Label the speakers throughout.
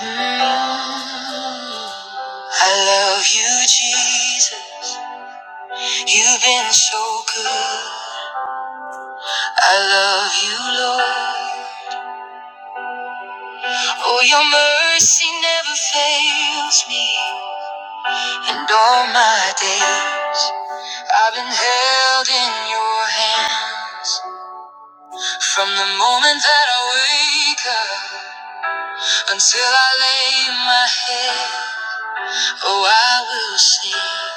Speaker 1: Mm, I love you, Jesus. You've been so good. I love you, Lord. Oh, your mercy never fails me. And all my days, I've been held in your hands. From the moment that I wake up until I lay my head, oh, I will sing.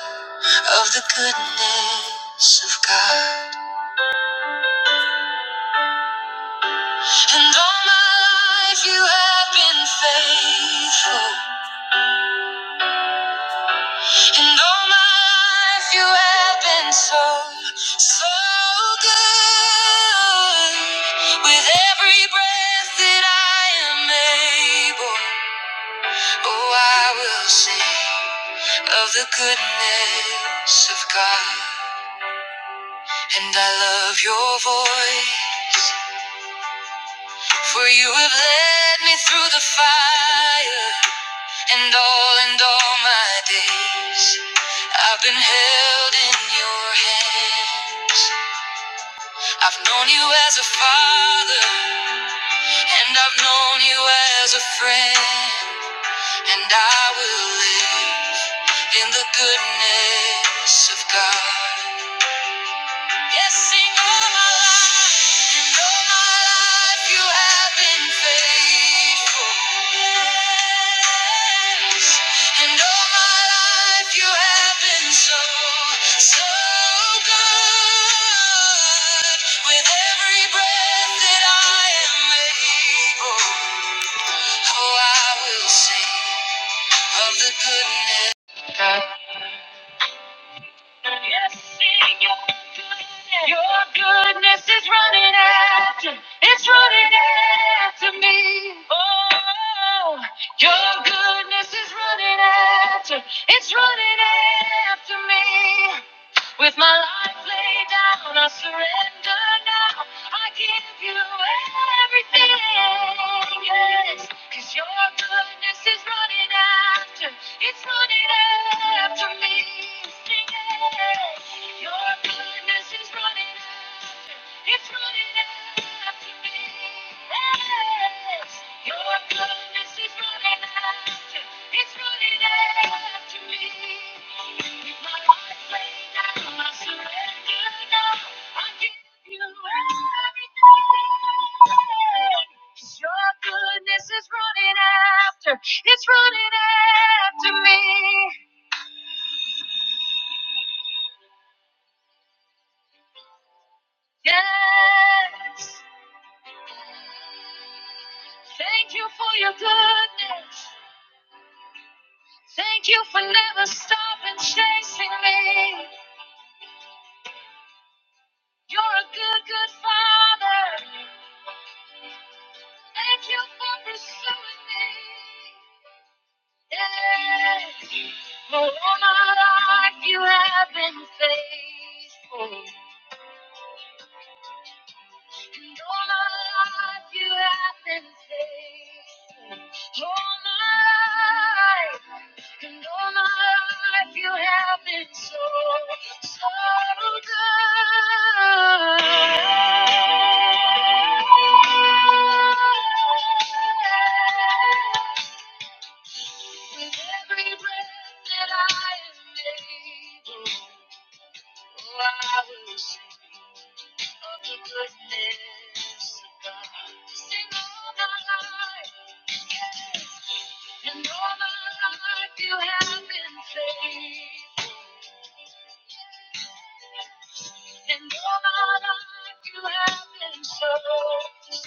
Speaker 1: of the goodness of God. And all my life you have been faithful. And all my life you have been so, so good. With every breath that I am able, oh, I will sing of the goodness of God. And I love your voice. For you have led me through the fire and all and all my days. I've been held in your hands. I've known you as a father and I've known you as a friend. And I will live in the goodness of God. Yes, all my life, and all my life you have been faithful. Yes, and all my life you have been so, so good. With every breath that I am able, oh, I will sing of the goodness. Yes, sing your goodness. Your goodness is running after. It's running after me. Oh, your goodness is running after. It's running after me. With my life laid down, I surrender now. I give you everything, yes. Cause your goodness is running after, it's running after me. Sing it. Your goodness is running it's good enough to be blessed. Your goodness is good enough to, it's good enough to me. If my heart laid down, I surrender now. I give you everything. 'Cause Your goodness is running after, it's running after me. Yes. Thank you for your goodness. Thank you for never stopping chasing me. You're a good, good father. Thank you for pursuing me. Yeah. For all my life you have been faithful. And all my life you have been faithful. All my life. And all my life you have been so, so good. With every breath that I am able, oh, I will sing. I'll keep like this about sing all my life, yes. And all my life you have been faithful. And all my life you have been so, so good. With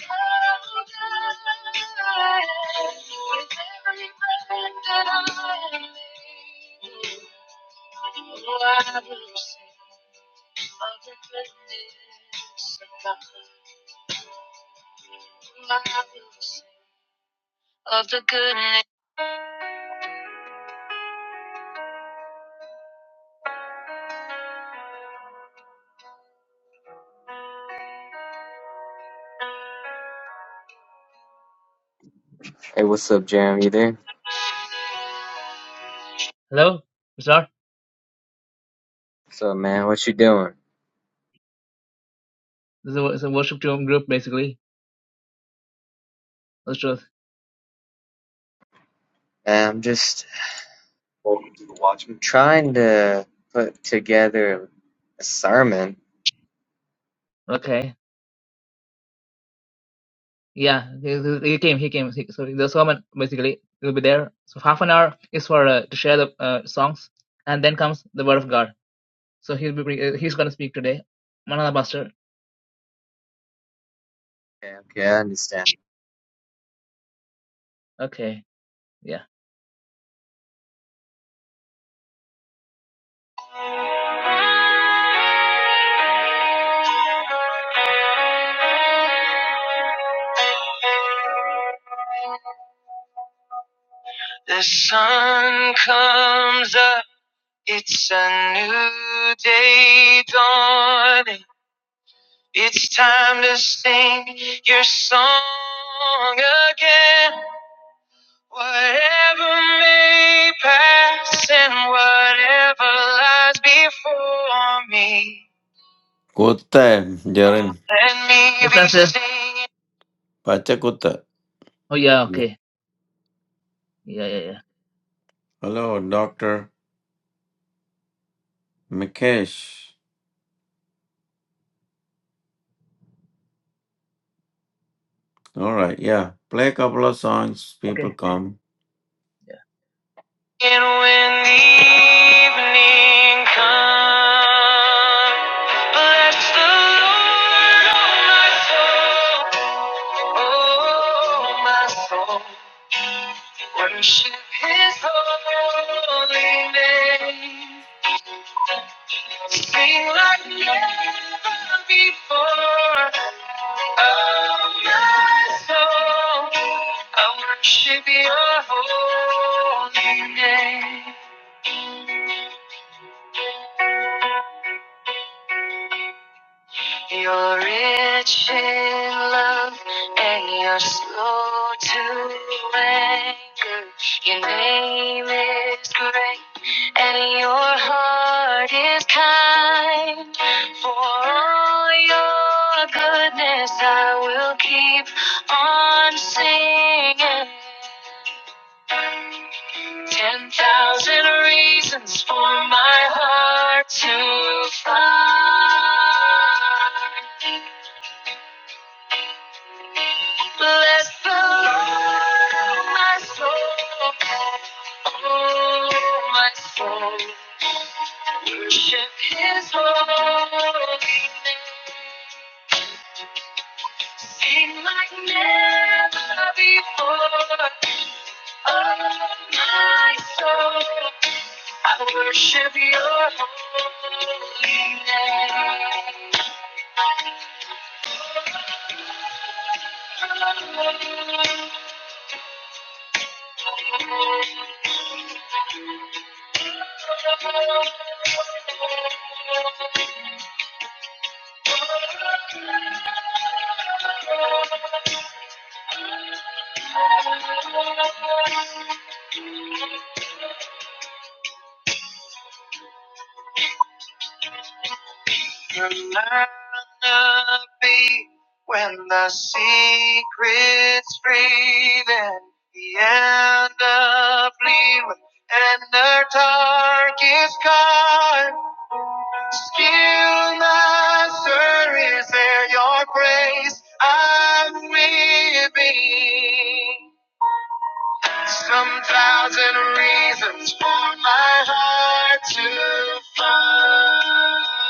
Speaker 1: every breath that I am able, oh, I will sing of the goodness of God. I will sing. of the goodness.
Speaker 2: Hey, what's up, Jeremy? You there?
Speaker 1: Hello, Mr.
Speaker 2: What's up, man? What you doing?
Speaker 1: This is a, it's a worship team group basically. That's truth.
Speaker 2: I'm just Welcome to the Watchman. trying to put together a sermon.
Speaker 1: Okay. Yeah, he, he he came. He came. He, so the sermon basically will be there. So half an hour is for uh, to share the uh, songs, and then comes the word of God. So he'll be bring- uh, he's gonna speak today. Manana Pastor.
Speaker 2: Okay, okay, I understand.
Speaker 1: Okay. Yeah. The sun comes up. It's a new day dawning. It's time to sing your song again. Whatever may pass and whatever lies before me,
Speaker 3: Koothu Jerin
Speaker 1: let me be singing.
Speaker 3: പച്ചക്കുത്ത്
Speaker 1: Oh yeah, okay, yeah, yeah, yeah.
Speaker 3: hello dr mikesh all right yeah play a couple of songs people
Speaker 1: Okay.
Speaker 3: come
Speaker 1: And when the evening comes, bless the Lord, oh my soul, oh my soul. Worship His holy name, sing like never before. Oh my soul, I worship Your holy name. You're rich in love and you're slow to anger. Your name is great and your heart is kind. For all your goodness, I will keep on singing. Ten thousand reasons for my heart to find. Bless the Lord, oh my soul, oh my soul. Worship His holy name. Sing like never before. Oh my soul, I worship Your holy name. Oh, oh, oh, oh, oh, oh. Remind me when the secret's breathing, the end of leaving, and the dark is gone. Still, my sir, is there your grace? I'm weeping. Some thousand reasons for my heart to find.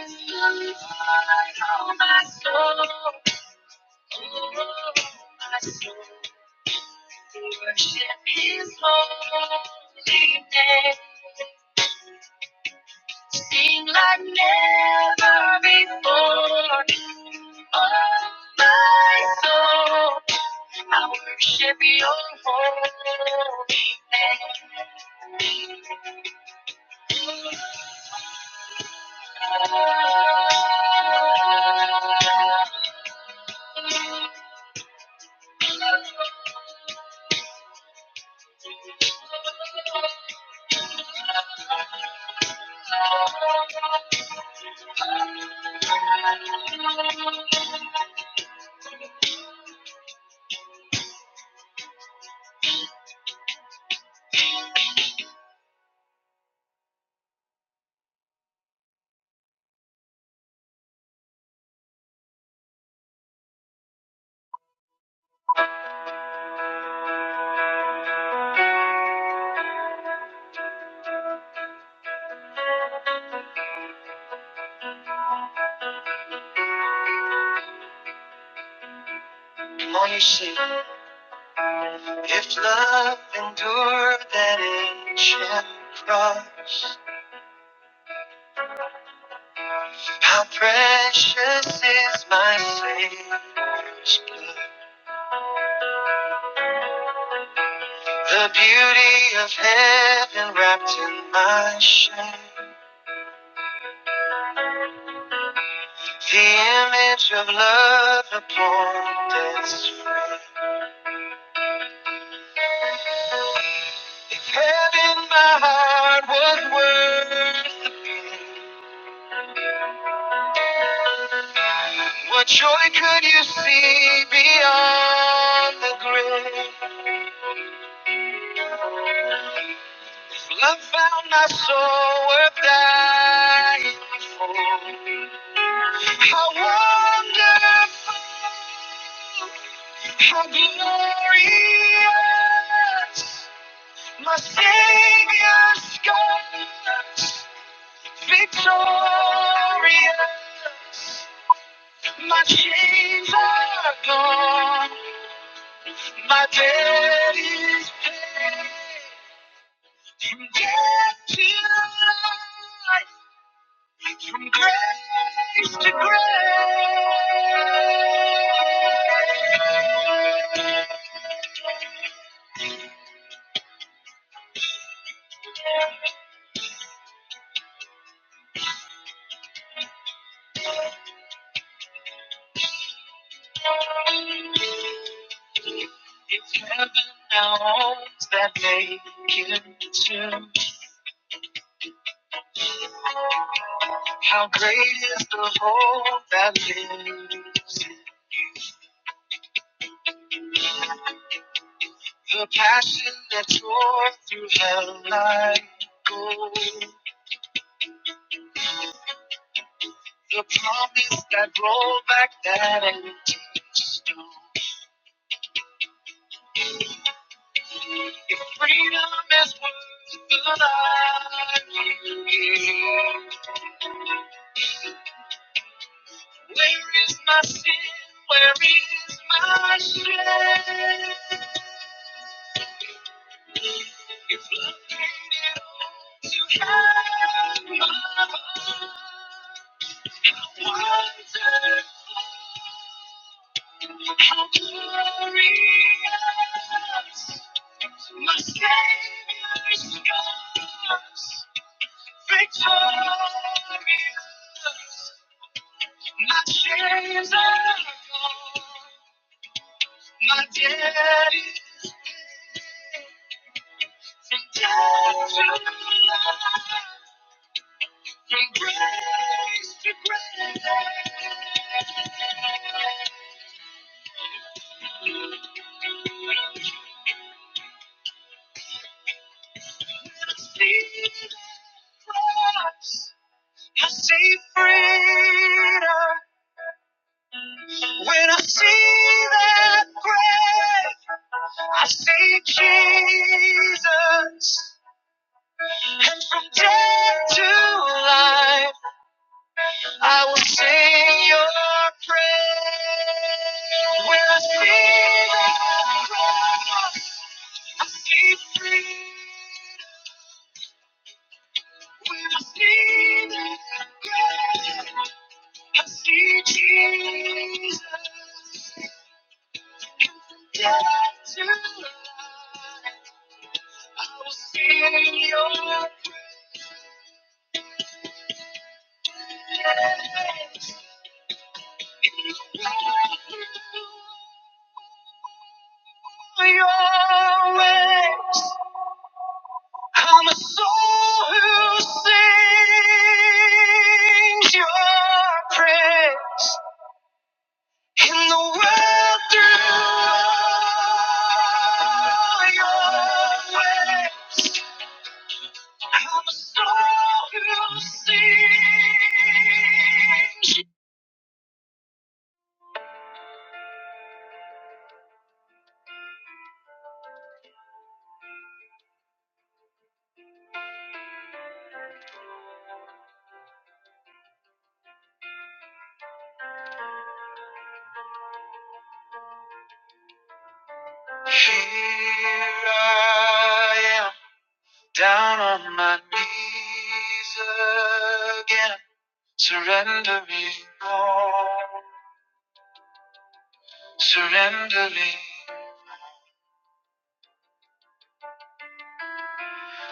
Speaker 1: Oh, my soul, oh, my soul, worship His holy name. Sing like never before. Oh, my soul, I worship Your holy name. Oh, You see, If love endure that ancient cross. How precious is my Savior's blood. The beauty of heaven wrapped in my shame. The image of love upon death's frame. If heaven, my heart was worth. What joy could you see beyond the grave? If love found my soul worth dying for. How wonderful, how glorious, my Savior's God, victorious, my chains are gone, my debt is paid, from death to life, from grace to grace. Mountains that make it to. How great is the hope that lives? The passion that tore through hell like gold. The promise that rolled back that empty stone. If freedom is worth the life you give, where is my sin? Where is my shame? If love came down to heaven, how glorious my Savior's gods, victorious, chains are gone, my debt to love, from grace to grace. I see the cross. I see freedom. When I see that grave, I see Jesus. And from death to life, I will sing your praise. When I see that grave, I see freedom. When I see that grave, I see Jesus. I'm a soul who sings your praise in the world through your way. I'm a soul who sings. Here I am, down on my knees again, surrendering all, surrendering.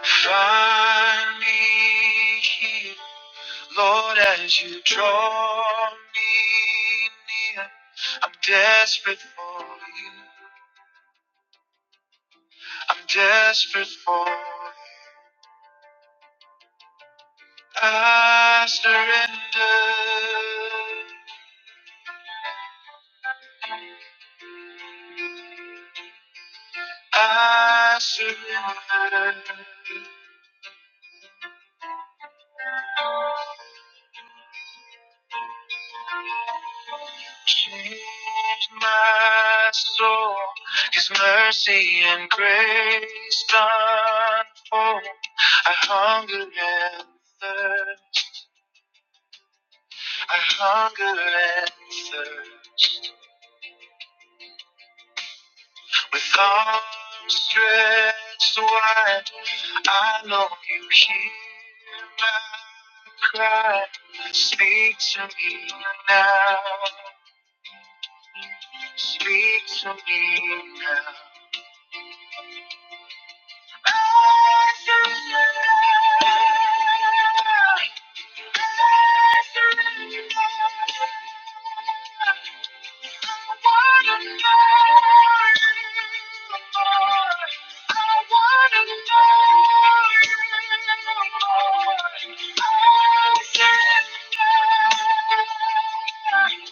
Speaker 1: Find me here, Lord, as you draw me near. I'm desperate for you, I'm desperate for you. I surrender. I surrender. Change my soul. His mercy and grace unfold. I hunger and thirst. I hunger and thirst. With arms stretched wide, I know you hear my cry. Speak to me now. Speak to me now. I surrender. I I I surrender.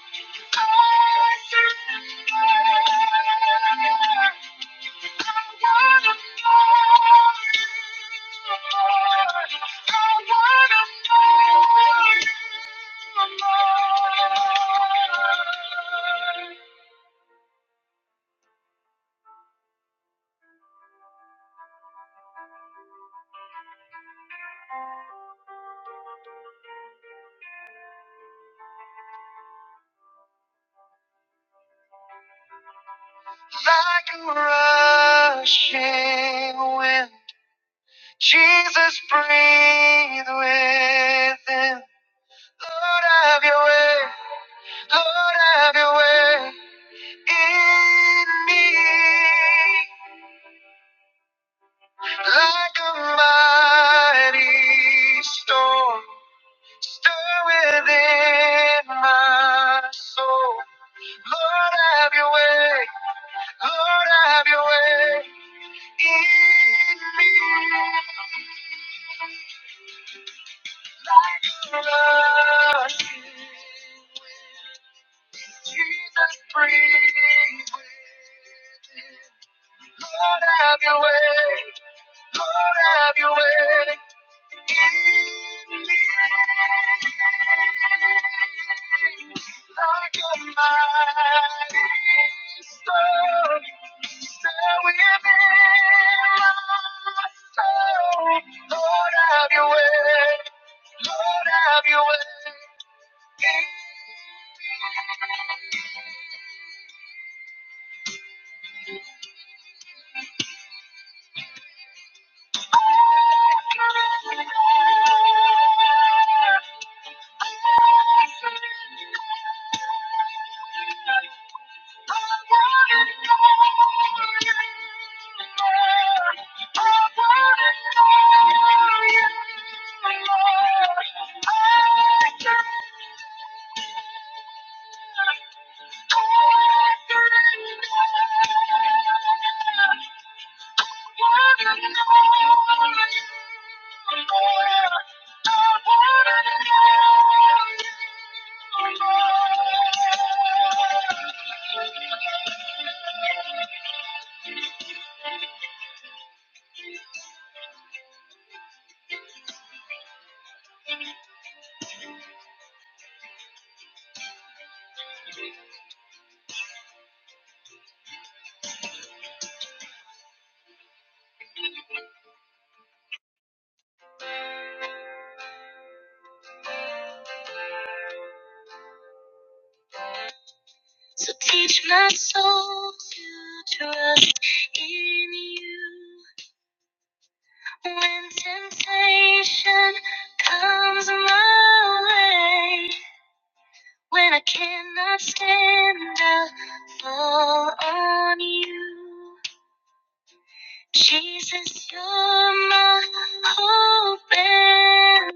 Speaker 1: surrender. surrender. Like a rushing wind, Jesus breathe within. Lord, have your way. Lord, have your way in me. Like a mighty storm, stir within my soul. Lord, have your way. Lord, have your way in me. Rush in. Jesus, breathe within. Lord, have your way. Lord, have your way. Thank you. Thank you. So teach my soul to trust in you. When temptation comes my way, when I cannot stand, I'll fall on you. Jesus, you're my hope. And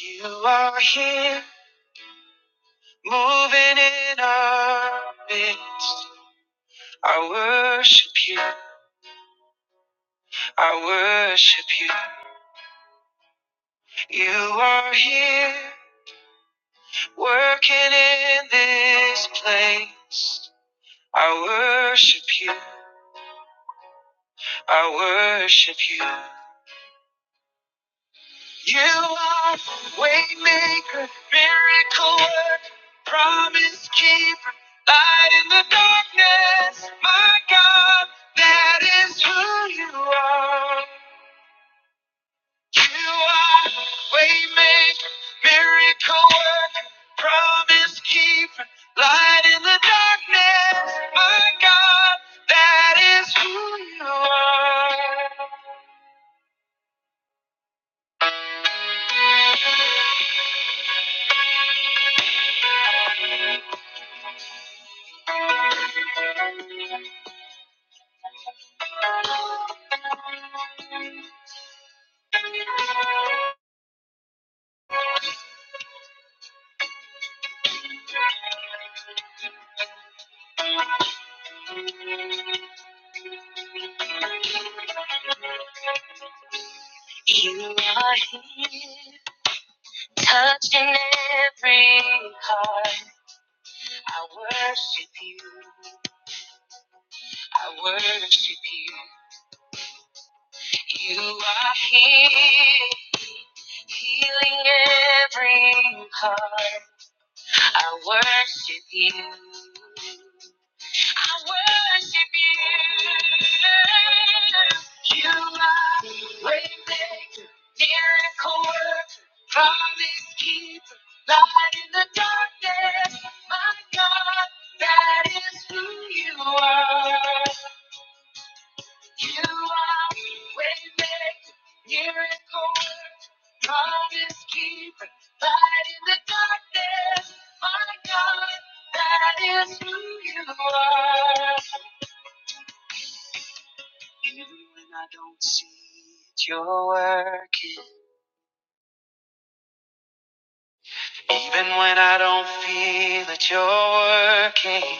Speaker 1: you are here, moving in our midst. I worship you. I worship you. You are here working in this place. I worship you. I worship you. You are waymaker, miracle worker, promise keeper, light in the darkness. My God, that is who you are. You are waymaker, miracle worker, promise keeper, light in the darkness. My God, that is who you are. You are here, touching every heart. I worship you. I worship you. You are here healing every heart. I worship you. I worship you. You are waymaker, miracle worker, promise keeper, light in the darkness. My God, that is who you are. You are waymaker, miracle worker. God is keeping light in the darkness. My God, that is who you are. Even when I don't see it, you're working. Even when I don't feel it, you're working.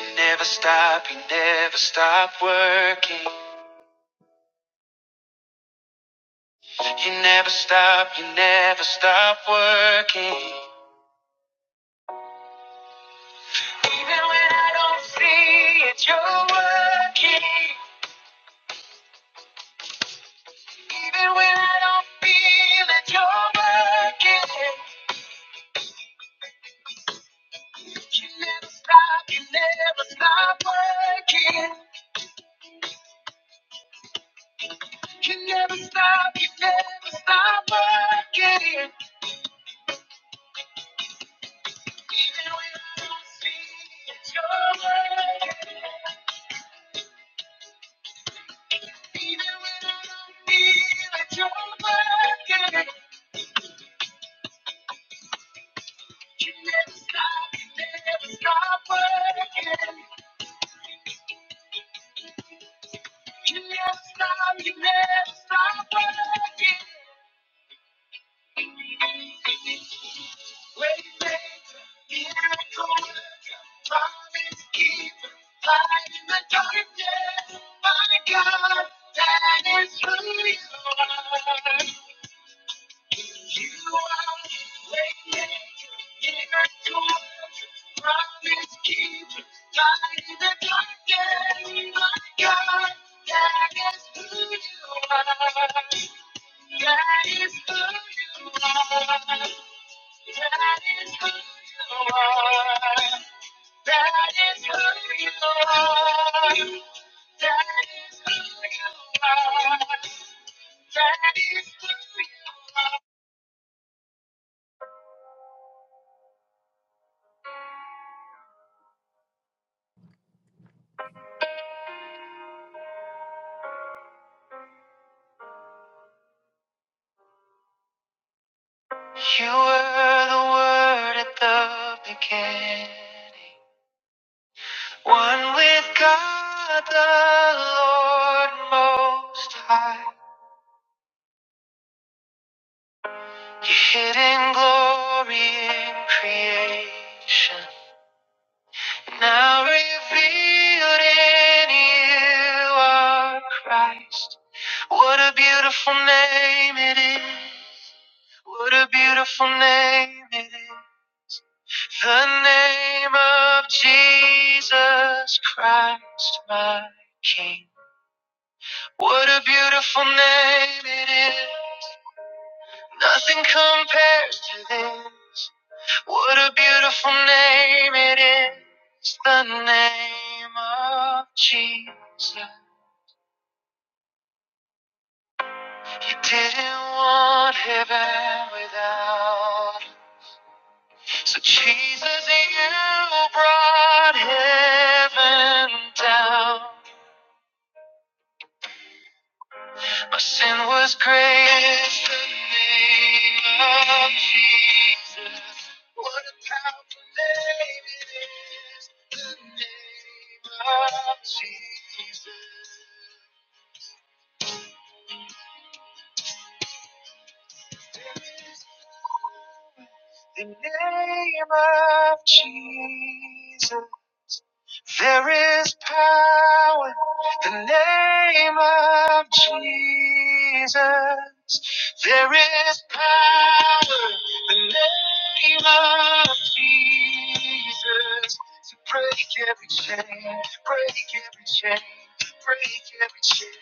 Speaker 1: You never stop, you never stop working. You never stop, you never stop working. You never stop, you never stop working. Can never stop, you never stop working. Even when I don't see it, you're working. Even when I don't feel it, you're working. You never stop, you never stop working. You never stop, you never stop working. darkness. My God, That is who you are. You are the maker, giver, doer, promise keeper, light in the darkness. My God, that is who you are. That is who you are. That is who you are. That is who you are. That is who you are. That is who. You were the word at the beginning, one with God the Lord Most High. Your hidden glory in creation, now revealed in you are Christ. What a beautiful name it is! What a beautiful name it is! The name of Jesus Christ, my King. What a beautiful name it is. Nothing compares to this. What a beautiful name it is. The name of Jesus. You didn't want heaven without. Him. So Jesus, you brought heaven down. My sin was great. The name of Jesus. What a powerful name it is. The name of Jesus. There is power in the name of Jesus. There is power in the name of Jesus. There is power in the name of Jesus. To break every chain, break every chain, break every chain.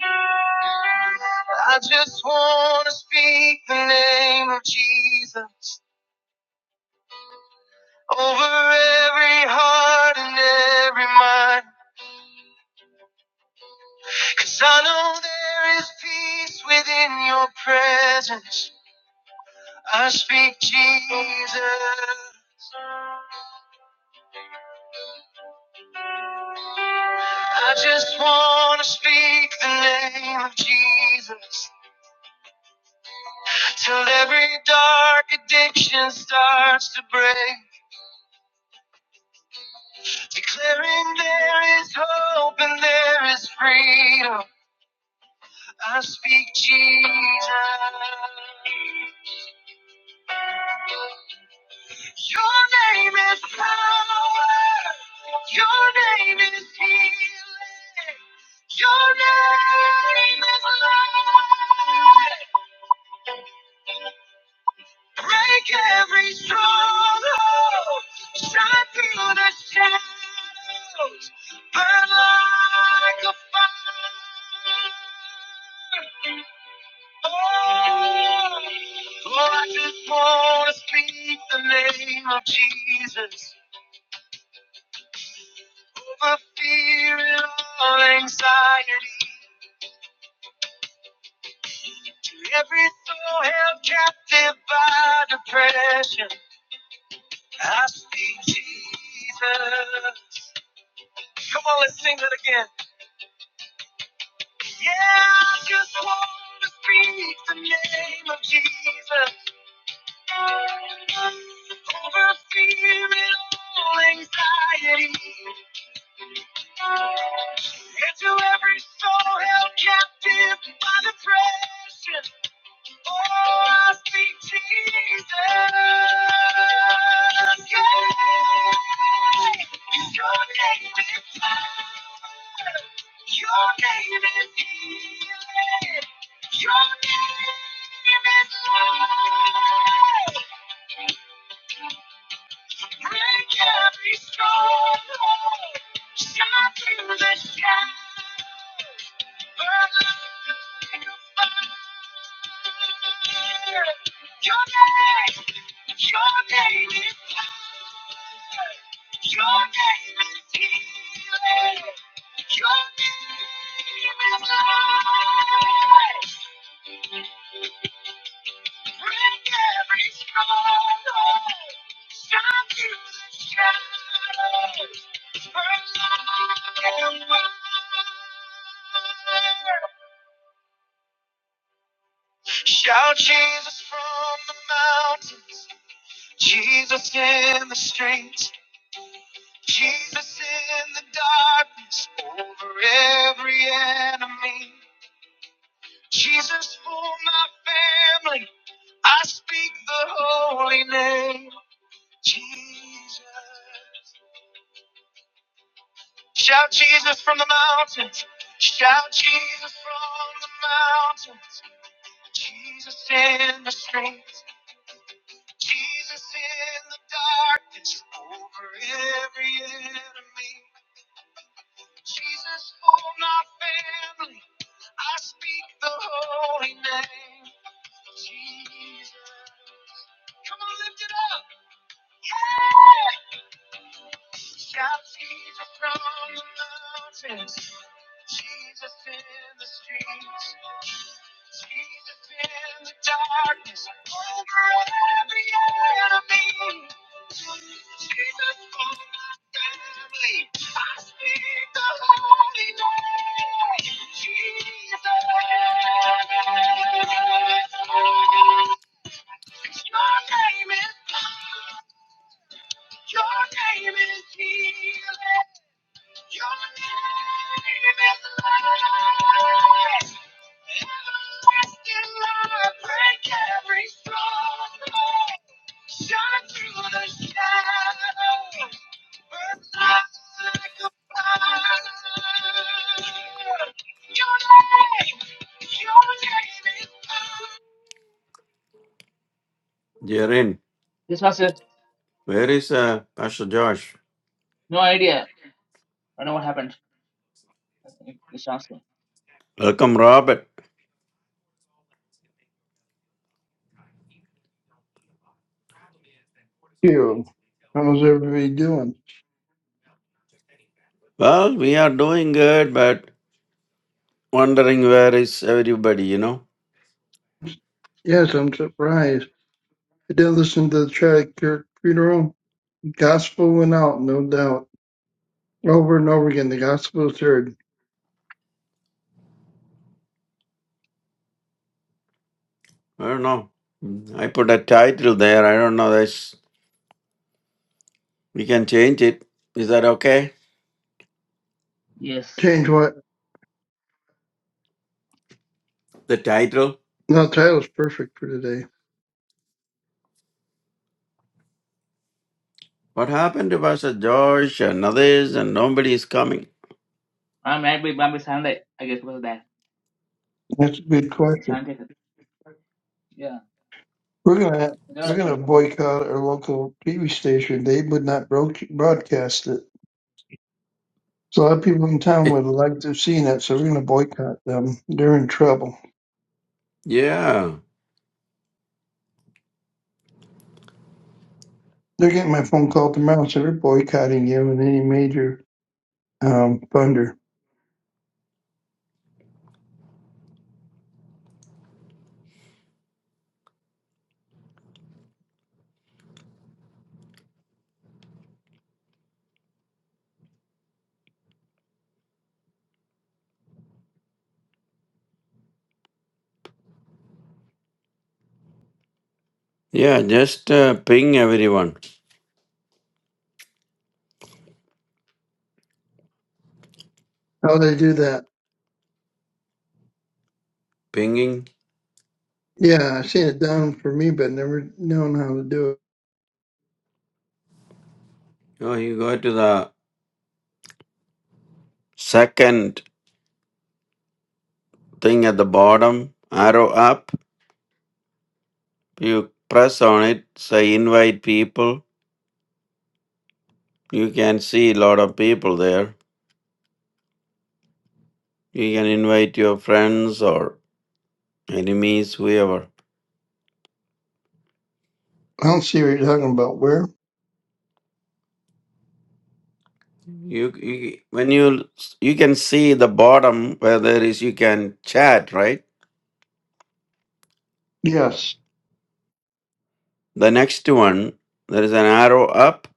Speaker 1: I just want to speak the name of Jesus over every heart and every mind. Cause I know there is peace within your presence. I speak Jesus. I just want to speak the name of Jesus till every dark addiction starts to break. Declaring there is hope and there is freedom. I speak Jesus. Your name is power. Your name is healing. Strongholds, shadows, burn like a fire. Oh, oh, I just want to speak the name of Jesus. over fear and all anxiety. To every soul held captive by depression, I speak Jesus. Come on, let's sing that again. Yeah, I just want to speak the name of Jesus. Over fear and all anxiety. And to every soul held captive by depression. Oh, I speak Jesus. Yeah. Your name is power. Your name is healing. Your name is life. Break every stronghold. Shine through the shadows. Burn like a fire. Your name, your name is power. Your name is healing. Your name is life. Break every stronghold. Shine through the shadows. Burn like a fire. Shout Jesus from the mountains, Jesus in the streets, Jesus in the darkness over every enemy. Jesus for my family, I speak the holy name, Jesus. Shout Jesus from the mountains. Shout Jesus from the mountains. Jesus in the streets. Jesus in the darkness. Over every enemy. Jesus for my family. I speak the holy name. Jesus. Come on, lift it up. Yeah! Shout Jesus from the mountains. Jesus in the streets. Jesus in the darkness over every enemy. Jesus for my family. I speak the holy name. Jesus. 'Cause your name is power. Your name is healing.
Speaker 3: jerin
Speaker 1: This was it.
Speaker 3: where is uh, pastor josh
Speaker 1: No idea. I don't know what happened. This answer.
Speaker 3: welcome robert
Speaker 4: you. How's everybody doing?
Speaker 3: well we are doing good but wondering where is everybody you know
Speaker 4: Yes, I'm surprised. I did listen to the track your funeral. Gospel went out, no doubt. Over and over again, the gospel is heard.
Speaker 3: i don't know i put a title there i don't know this we can change it is that okay
Speaker 1: Yes.
Speaker 4: Change what?
Speaker 3: the title
Speaker 4: No, title's perfect for today.
Speaker 3: what happened to pastor josh and others and nobody is coming
Speaker 1: I'm made by Bambi Sunday. I guess it was that.
Speaker 4: That's a good question.
Speaker 1: Sunday. Yeah.
Speaker 4: We're gonna
Speaker 1: To be
Speaker 4: we're
Speaker 1: honest, when
Speaker 4: gonna
Speaker 1: somebody-
Speaker 4: boycott our local TV station. They would not bro- broadcast it. So a lot of people in town would like to have seen it, so we're gonna boycott them. They're in trouble.
Speaker 3: yeah
Speaker 4: They're getting my phone call tomorrow, so they're boycotting you and any major um, funder.
Speaker 3: Yeah, just uh, ping everyone.
Speaker 4: How they do that?
Speaker 3: Pinging.
Speaker 4: Yeah, I seen it done for me, but never known how to do it.
Speaker 3: Oh, you go to the second thing at the bottom, arrow up. You press on it, say invite people. You can see a lot of people there. You can invite your friends or enemies, whoever.
Speaker 4: I don't see what you're talking about. Where?
Speaker 3: You, you when you you can see the bottom where there is you can chat right.
Speaker 4: Yes.
Speaker 3: The next one there is an arrow up.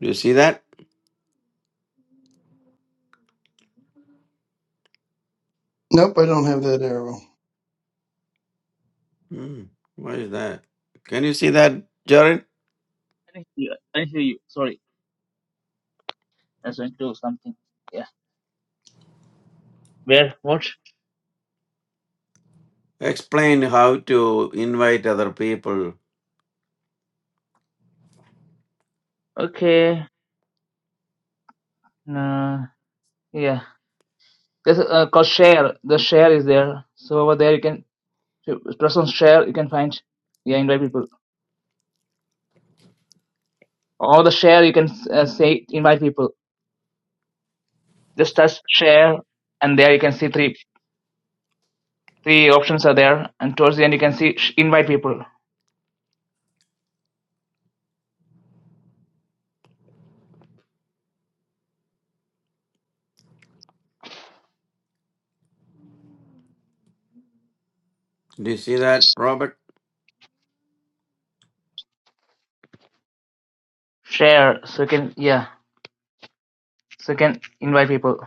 Speaker 3: Do you see that?
Speaker 4: Nope, I don't have that arrow.
Speaker 3: Hmm, why is that? Can you see that, Jared?
Speaker 1: I didn't hear you. I didn't hear you. Sorry, I was going to do something. Yeah. Where? What?
Speaker 3: Explain how to invite other people.
Speaker 1: Okay. No. Yeah. There's uh, called share. The share is there. So over there you can if press on share. You can find. Yeah, invite people. Or the share you can uh, say invite people. Just touch share, and there you can see three three options are there. And towards the end you can see sh- invite people.
Speaker 3: Do you see that, Robert?
Speaker 1: Share. So you can yeah. So you can invite people.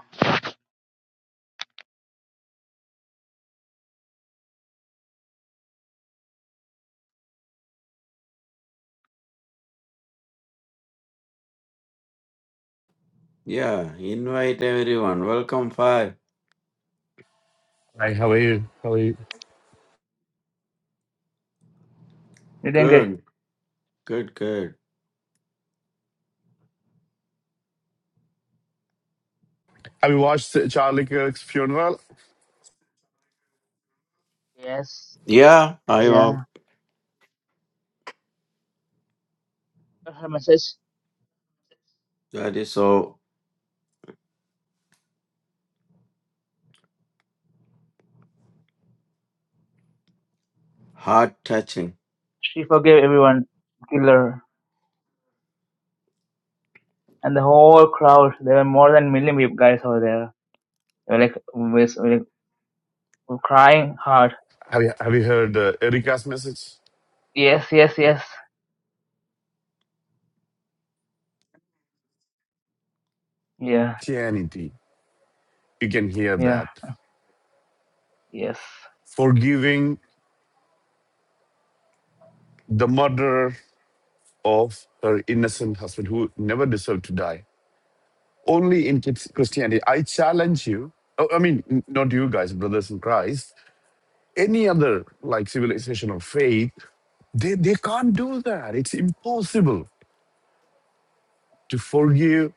Speaker 3: Yeah, invite everyone. Welcome, five.
Speaker 5: Hi, how are you? How are you?
Speaker 1: You didn't get.
Speaker 3: Good, good, good.
Speaker 5: Have you watched Charlie Kirk's funeral?
Speaker 1: Yes.
Speaker 3: Yeah, I
Speaker 1: Yeah.
Speaker 3: will.
Speaker 1: I heard message.
Speaker 3: That is so heart touching.
Speaker 1: She forgave everyone, killer, and the whole crowd. There were more than a million people guys over there. They were like, with, with, like, crying hard.
Speaker 5: Have you Have you heard uh, Erica's message?
Speaker 1: Yes, yes, yes. Yeah,
Speaker 5: Christianity. You can hear
Speaker 1: yeah,
Speaker 5: that.
Speaker 1: yes,
Speaker 5: Forgiving the murderer of her innocent husband who never deserved to die. Only in Chris- Christianity. I challenge you. oh, I mean, n- not you guys, brothers in Christ. Any other like civilization or faith, they, they can't do that. It's impossible to forgive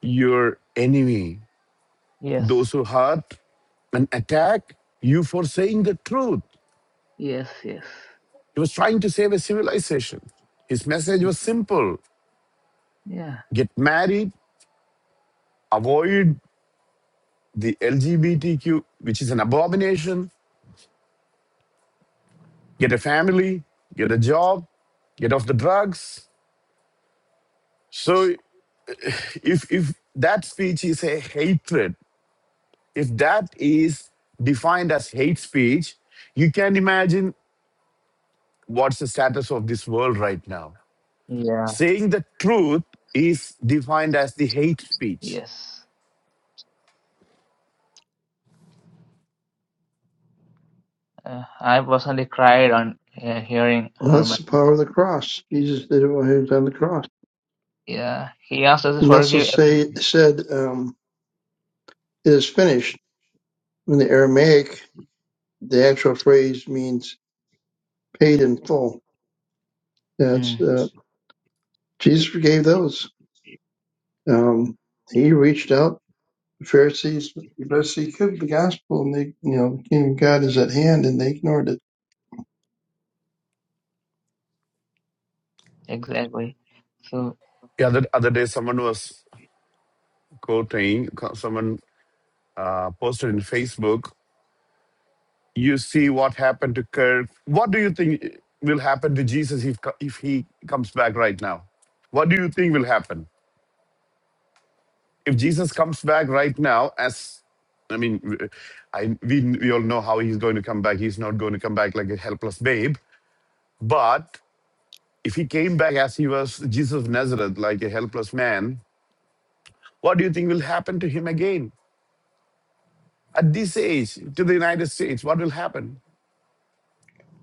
Speaker 5: your enemy those
Speaker 1: yes,
Speaker 5: who hurt and attack you for saying the truth.
Speaker 1: yes, yes.
Speaker 5: He was trying to save a civilization. His message was simple
Speaker 1: Yeah,
Speaker 5: get married, avoid the LGBTQ, which is an abomination, get a family, get a job, get off the drugs. So if, if that speech is a hatred, if that is defined as hate speech, you can imagine what's the status of this world right now
Speaker 1: yeah,
Speaker 5: saying the truth is defined as the hate speech.
Speaker 1: yes. Uh, I personally cried on uh, hearing
Speaker 4: Well,
Speaker 1: her. ma-
Speaker 4: that's the power of the cross. Jesus did it while he was on the cross.
Speaker 1: Yeah, he asked us to
Speaker 4: He also
Speaker 1: forgive. every-
Speaker 4: say, said, um, it is finished. In the Aramaic, the actual phrase means paid in full. That's,
Speaker 1: Mm,
Speaker 4: uh, Jesus forgave those. Um, he reached out the Pharisees the best he could with the gospel and they, you know, the kingdom of God is at hand and they ignored it.
Speaker 1: exactly. So
Speaker 5: The other other day, someone was quoting someone uh, posted in Facebook. You see what happened to Kirk. What do you think will happen to Jesus if if he comes back right now? What do you think will happen if Jesus comes back right now? As I mean, I we we all know how he's going to come back. He's not going to come back like a helpless babe. But if he came back as he was Jesus of Nazareth, like a helpless man, What do you think will happen to him again at this age to the United States? What will happen?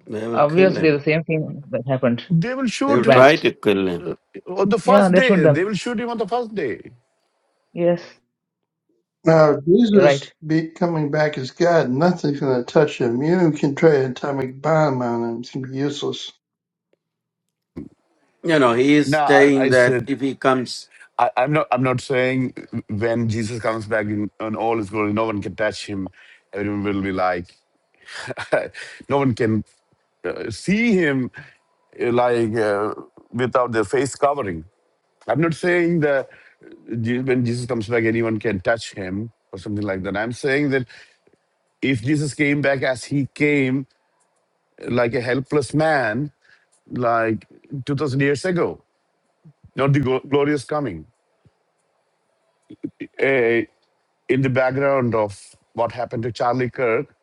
Speaker 3: They will kill
Speaker 1: obviously
Speaker 3: him.
Speaker 1: the same thing that happened in
Speaker 5: They will
Speaker 3: They
Speaker 1: the
Speaker 3: will
Speaker 5: shoot
Speaker 3: try
Speaker 1: past.
Speaker 3: to kill him.
Speaker 5: on the
Speaker 1: Yeah,
Speaker 5: first
Speaker 1: they shoot
Speaker 5: day.
Speaker 1: them.
Speaker 5: They will shoot him on the first day.
Speaker 1: Yes,
Speaker 4: Now, if
Speaker 1: you're
Speaker 4: Jesus
Speaker 1: right.
Speaker 4: be coming back as God, nothing's going to touch him. You can try an atomic bomb on him; it's going to be useless.
Speaker 3: You know, he is
Speaker 5: Now I,
Speaker 3: saying
Speaker 5: I
Speaker 3: that
Speaker 5: said
Speaker 3: if he comes
Speaker 5: I, I'm not. I'm not saying when Jesus comes back in, in all his glory, no one can touch him. Everyone will be like, no one can uh, see him uh, like uh, without their face covering. I'm not saying that uh, Je- when Jesus comes back, anyone can touch him or something like that. I'm saying that if Jesus came back as he came, like a helpless man, like 2000 years ago, not the glo- glorious coming. Eh, in the background of what happened to Charlie Kirk,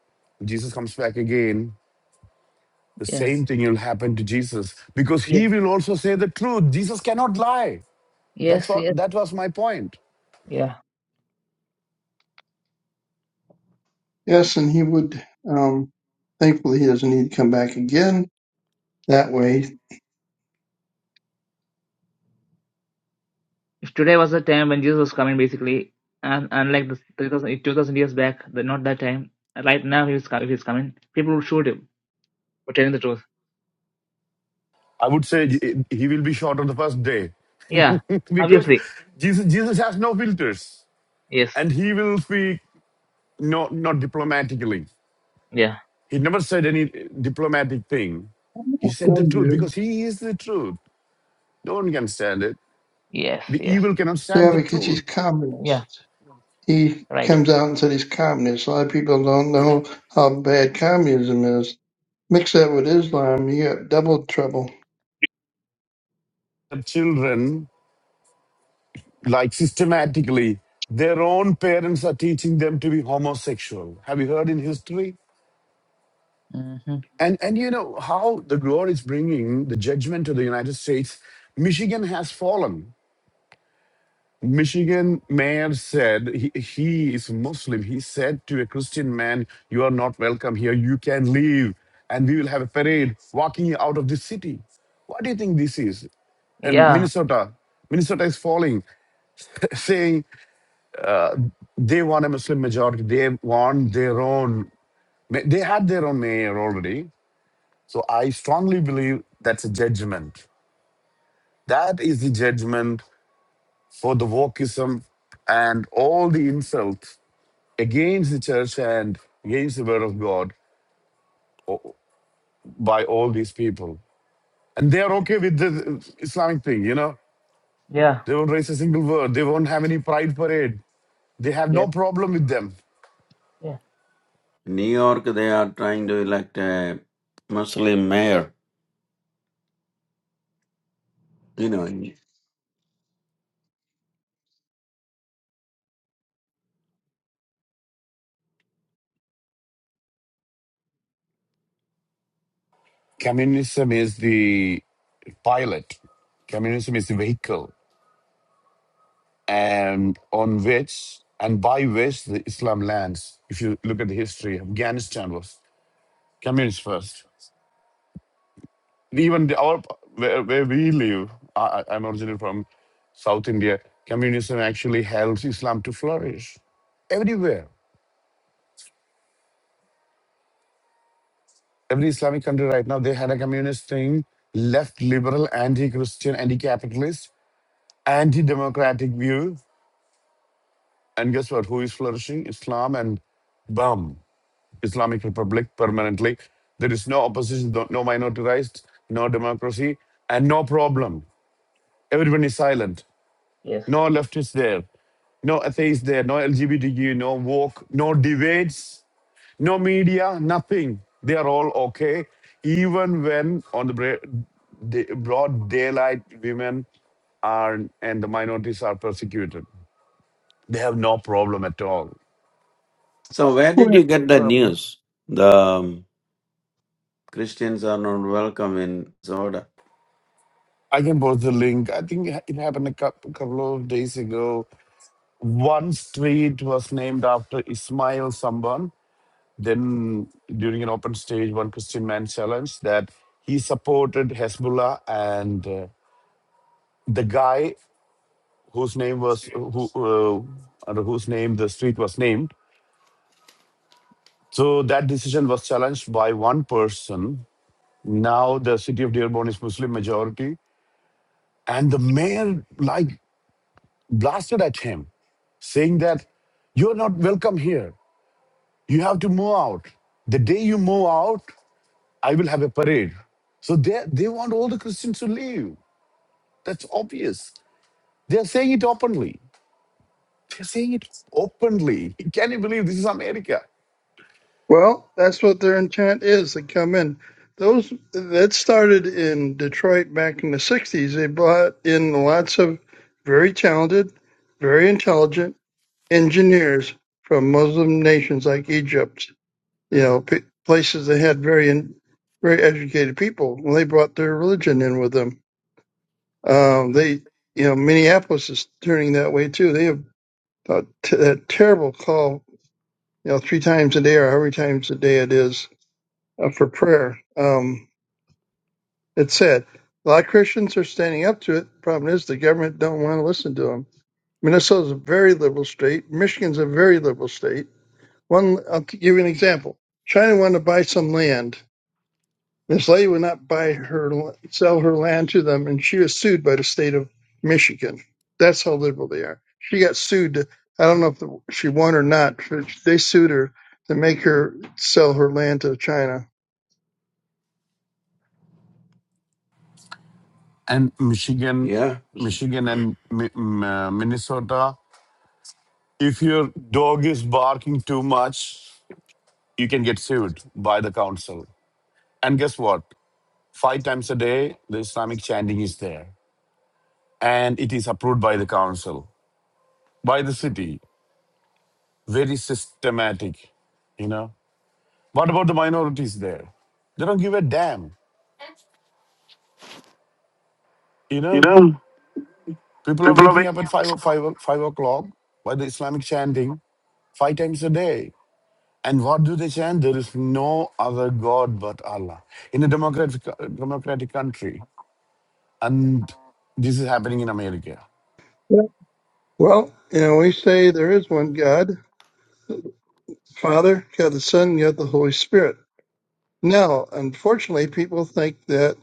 Speaker 5: Jesus comes back again, the
Speaker 1: Yeah.
Speaker 5: same thing will happen to Jesus because
Speaker 1: Yes,
Speaker 5: he will also say the truth. Jesus cannot lie. That's
Speaker 1: yes,
Speaker 5: what
Speaker 1: yes,
Speaker 5: that was my point.
Speaker 1: yeah.
Speaker 4: Yes, and he would. Um, thankfully, he doesn't need to come back again that way.
Speaker 1: If today was the time when Jesus was coming, basically, and unlike the 3,000, 2,000 years back, the, not that time, right now, he was, co- if he's coming, people will shoot him for telling the truth.
Speaker 5: I would say eh, he will be shot on the first day
Speaker 1: Yeah,
Speaker 5: because
Speaker 1: obviously.
Speaker 5: Jesus, Jesus has no filters
Speaker 1: Yes,
Speaker 5: and he will speak not, not diplomatically.
Speaker 1: yeah,
Speaker 5: He never said any diplomatic thing. He said the
Speaker 4: Some
Speaker 5: truth
Speaker 4: do.
Speaker 5: because he is the truth. No one can stand it.
Speaker 1: yes,
Speaker 5: The
Speaker 1: yes,
Speaker 5: evil cannot stand
Speaker 4: Yeah,
Speaker 5: the
Speaker 4: because he's
Speaker 5: truth.
Speaker 1: yeah,
Speaker 4: communist. He
Speaker 1: right.
Speaker 4: comes out and said he's communist. A lot of people don't know how bad communism is. Mix that with Islam, you got double trouble.
Speaker 5: The children, like systematically, their own parents are teaching them to be homosexual. Have you heard in history?
Speaker 1: Mm-hmm.
Speaker 5: And and you know how the Lord is bringing the judgment to the United States. Michigan has fallen. Michigan mayor said he, he is Muslim. He said to a Christian man, You are not welcome here. You can leave. And we will have a parade walking you out of the city. What do you think this is? And
Speaker 1: Yeah,
Speaker 5: Minnesota, Minnesota is falling, saying they want a Muslim majority. They want their own. ma- They had their own mayor already. So I strongly believe that's a judgment. That is the judgment for the wokeism and all the insults against the church and against the word of God o- by all these people. And they are okay with the Islamic thing, you know.
Speaker 1: yeah,
Speaker 5: They won't raise a single word. They won't have any pride parade. They have
Speaker 1: yeah,
Speaker 5: no problem with them.
Speaker 1: yeah,
Speaker 3: New York, they are trying to elect a Muslim mayor. You know.
Speaker 5: Communism is the pilot. Communism is the vehicle, and on which and by which the Islam lands. If you look at the history, Afghanistan was communist first. even the, our where, where we live I, I- i'm originally from south india communism actually helps islam to flourish everywhere every islamic country right now they had a communist thing left liberal anti-christian anti-capitalist anti-democratic view and guess what who is flourishing islam and bum islamic republic permanently there is no opposition no no minority rights no democracy and no problem everyone is silent
Speaker 1: yes,
Speaker 5: no leftists there, no atheists there, no LGBTQ, no woke, no debates, no media, nothing. They are all okay. Even when on the bra- da- broad daylight, women are and the minorities are persecuted, they have no problem at all.
Speaker 3: So, where
Speaker 4: Who
Speaker 3: did
Speaker 4: has
Speaker 3: you
Speaker 4: no
Speaker 3: get the
Speaker 4: problem?
Speaker 3: news? The um, Christians are not welcome in Zoda.
Speaker 5: I can post the link. I think it happened a cou- couple of days ago. One street was named after Ismail Samban Then, during an open stage, one Christian man challenged that he supported Hezbollah, and uh, the guy whose name was who uh, under whose name the street was named. So that decision was challenged by one person. Now the city of Dearborn is Muslim majority, and the mayor like blasted at him, saying that you're not welcome here. You have to move out. The day you move out, I will have a parade. So they, they want all the Christians to leave. That's obvious. They're saying it openly. They're saying it openly. Can you believe this is America?
Speaker 4: Well, that's what their intent is. They come in. Those that started in Detroit back in the '60s. They brought in lots of very talented, very intelligent engineers from Muslim nations like Egypt. You know, p- places that had very, in, very educated people. Well, they brought their religion in with them. Um, they, you know, Minneapolis is turning that way too. They have uh, t- that terrible call. You know, three times a day or how many times a day it is uh, for prayer. Um, it said a lot of Christians are standing up to it. Problem is, the government don't want to listen to them. Minnesota's a very liberal state. Michigan's a very liberal state. One, I'll give you an example. China wanted to buy some land. This lady would not buy her sell her land to them, and she was sued by the state of Michigan. That's how liberal they are. She got sued. I don't know if the, she won or not, but they sued her to make her sell her land to China.
Speaker 5: And Michigan,
Speaker 3: Yeah. You
Speaker 5: Michigan and Mi- M- uh, Minnesota, if your dog is barking too much, you can get sued by the council. And guess what? Five times a day, the Islamic chanting is there. And it is approved by the council, by the city. Very systematic, you know. What about the minorities there? They don't give a damn, you know.
Speaker 3: know,
Speaker 5: People are
Speaker 3: people are
Speaker 5: waking up
Speaker 3: waking
Speaker 5: at 5, five, 5 o'clock by the Islamic chanting five times a day. And what do they chant? There is no other God but Allah. In a democratic, democratic country, and this is happening in America.
Speaker 4: Well, you know, we say there is one God, Father, God the Son, God the Holy Spirit. Now, unfortunately, people think that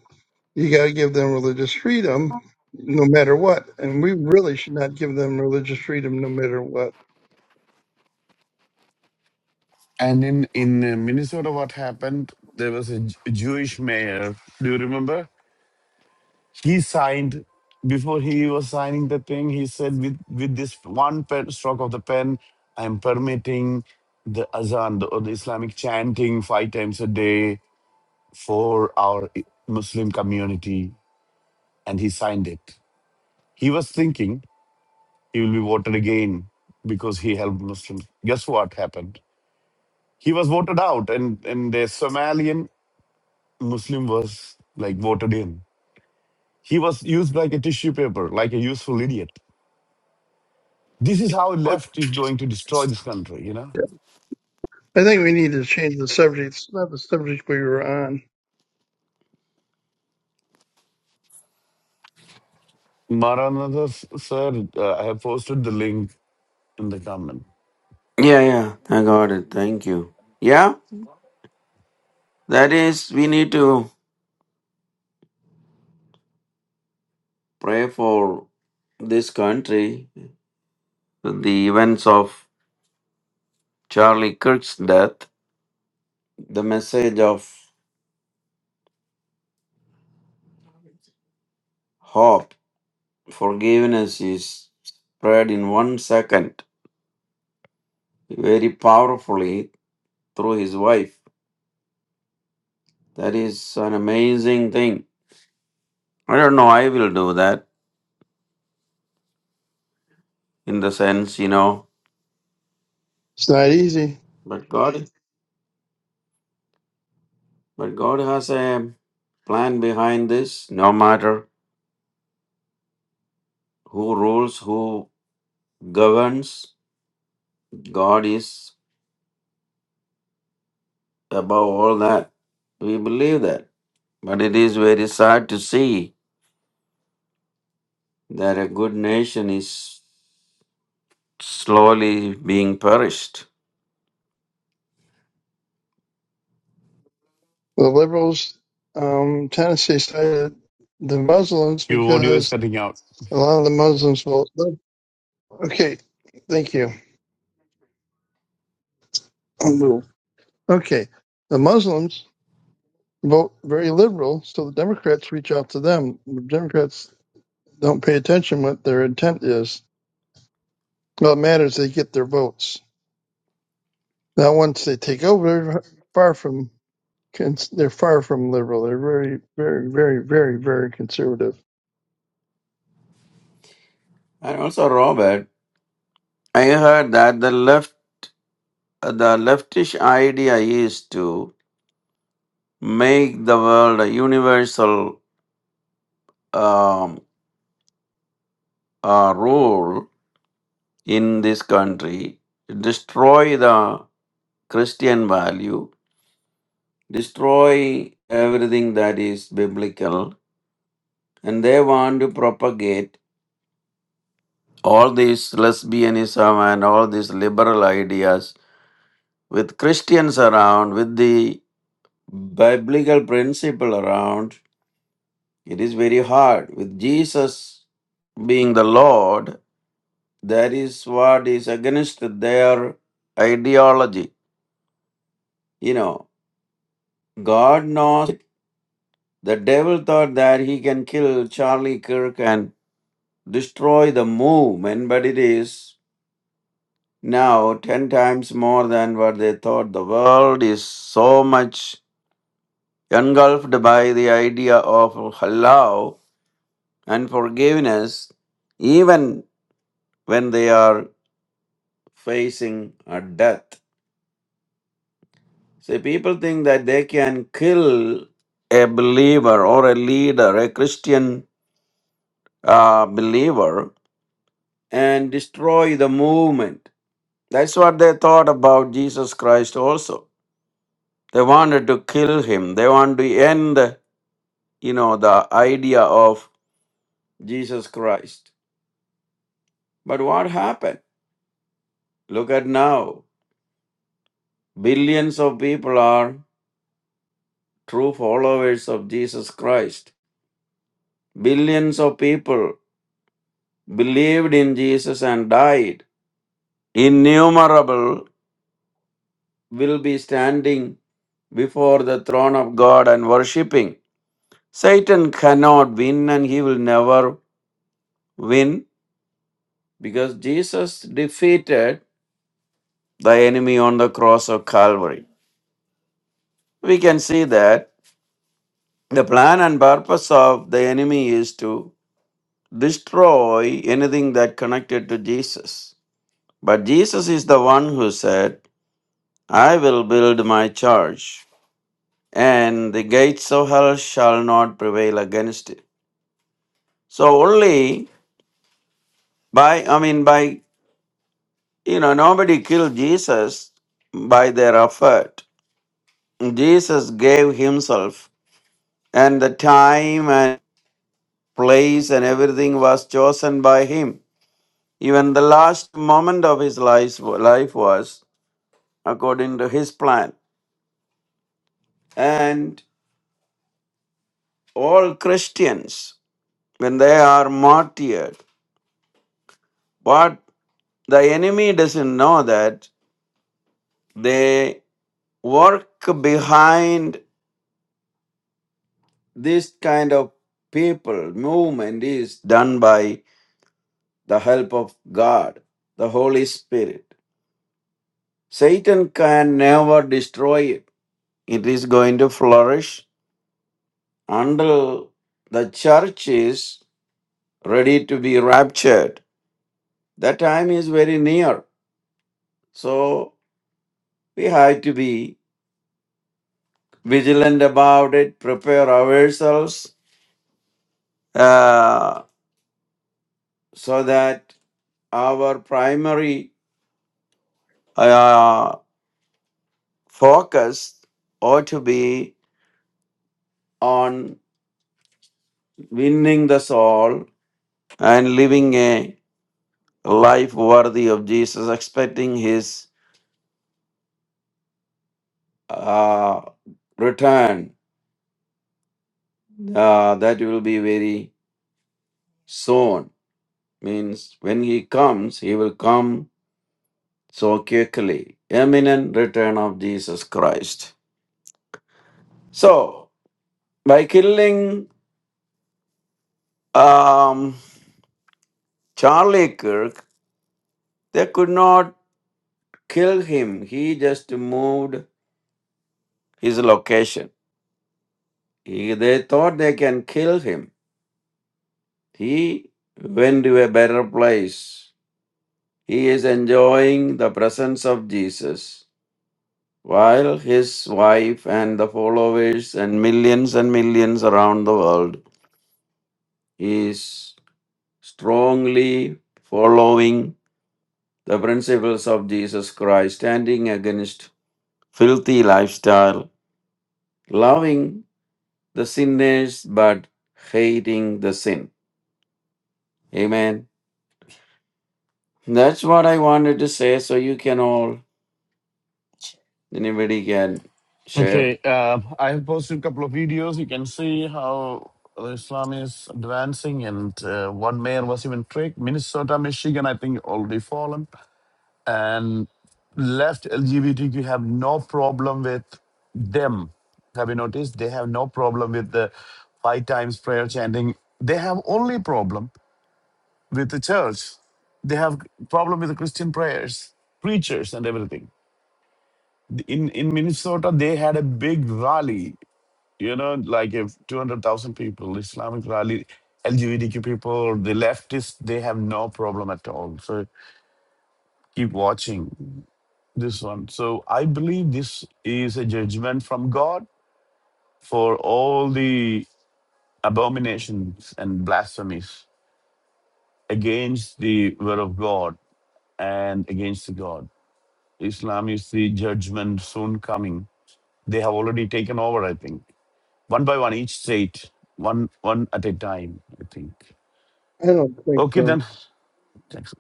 Speaker 4: you got to give them religious freedom no matter what. And we really should not give them religious freedom no matter what.
Speaker 5: And in, in Minnesota, what happened? There was a J- Jewish mayor. Do you remember? he signed before he was signing the thing he said with with this one pen, stroke of the pen i am permitting the azan the, or the islamic chanting five times a day for our I- muslim community and he signed it he was thinking he will be voted again because he helped muslims guess what happened he was voted out and and the somalian muslim was like voted in he was used like a tissue paper like a useful idiot This is how left is going to destroy this country, you know.
Speaker 4: I think we need to change the subject. It's not the subject we were on.
Speaker 5: Maranatha, sir, uh, I have posted the link in the comment.
Speaker 3: Yeah, yeah. I got it. Thank you. Yeah. That is, we need to pray for this country. The events of Charlie Kirk's death, the message of hope, forgiveness is spread in one second very powerfully through his wife. That is an amazing thing. I don't know. I will do that in the sense, you know,
Speaker 4: It's not easy.
Speaker 3: but God, but God has a plan behind this. No matter who rules, who governs, God is above all that. We believe that. But it is very sad to see that a good nation is slowly being perished.
Speaker 4: The liberals, um, Tennessee cited the Muslims
Speaker 5: Your audio is
Speaker 4: because
Speaker 5: cutting out.
Speaker 4: a lot of the Muslims will. Okay, thank you. I'm a little- Okay, the Muslims vote very liberal, so the Democrats reach out to them. The Democrats don't pay attention what their intent is. All that matters they get their votes. Now, once they take over, they're far from they're far from liberal. They're very, very, very, very, very conservative.
Speaker 3: And also, Robert, I heard that the left, the leftish idea is to make the world a universal um, uh, rule in this country, destroy the Christian value, destroy everything that is biblical, and they want to propagate all this lesbianism and all these liberal ideas with Christians around, with the biblical principle around. It is very hard. With Jesus being the Lord, that is what is against their ideology You know, God knows the devil thought that he can kill Charlie Kirk and destroy the movement, but it is now 10 times more than what they thought. The world is so much engulfed by the idea of halal and forgiveness, even when they are facing a death. See, people think that they can kill a believer or a leader, a Christian uh, believer, and destroy the movement. That's what they thought about Jesus Christ also. They wanted to kill him. They wanted to end, you know, the idea of Jesus Christ. But what happened? Look at now. Billions of people are true followers of Jesus Christ. Billions of people believed in Jesus and died. Innumerable will be standing before the throne of God and worshiping. Satan cannot win and he will never win because Jesus defeated the enemy on the cross of Calvary. We can see that the plan and purpose of the enemy is to destroy anything that connected to Jesus. But Jesus is the one who said, I will build my church and the gates of hell shall not prevail against it. So only by I mean by You know, nobody killed Jesus by their effort. Jesus gave himself, and the time and place and everything was chosen by him. Even the last moment of his life, life was according to his plan. And all Christians, when they are martyred, what the enemy doesn't know that they work behind this kind of people movement is done by the help of God, the Holy Spirit. Satan can never destroy it. It is going to flourish until the church is ready to be raptured. That time is very near. So we have to be vigilant about it, prepare ourselves uh, so that our primary uh, focus ought to be on winning the soul and living a life worthy of Jesus, expecting His uh, return. Uh, that will be very soon. Means when He comes, He will come so quickly. Imminent return of Jesus Christ. So, by killing um, Charlie Kirk, they could not kill him. He just moved his location. He, they thought they can kill him. He went to a better place. He is enjoying the presence of Jesus while his wife and the followers and millions and millions around the world is strongly following the principles of Jesus Christ, standing against filthy lifestyle, loving the sinners but hating the sin. Amen. That's what I wanted to say, so you can all, anybody can share.
Speaker 5: Okay, uh, I have posted a couple of videos. You can see how Islam is advancing and uh, one mayor was even tricked. Minnesota, Michigan, I think already fallen. And left LGBTQ have no problem with them. Have you noticed? They have no problem with the five times prayer chanting. They have only problem with the church. They have problem with the Christian prayers, preachers, and everything. In in Minnesota, they had a big rally. You know, like if two hundred thousand people, Islamic rally, LGBTQ people, the leftists, they have no problem at all. So keep watching this one. So I believe this is a judgment from God for all the abominations and blasphemies against the word of God and against the God. Islam, you see judgment soon coming. They have already taken over, I think. One by one, each state, one one at a time, I think.
Speaker 4: I don't think
Speaker 5: Okay,
Speaker 4: so.
Speaker 5: then. Thanks.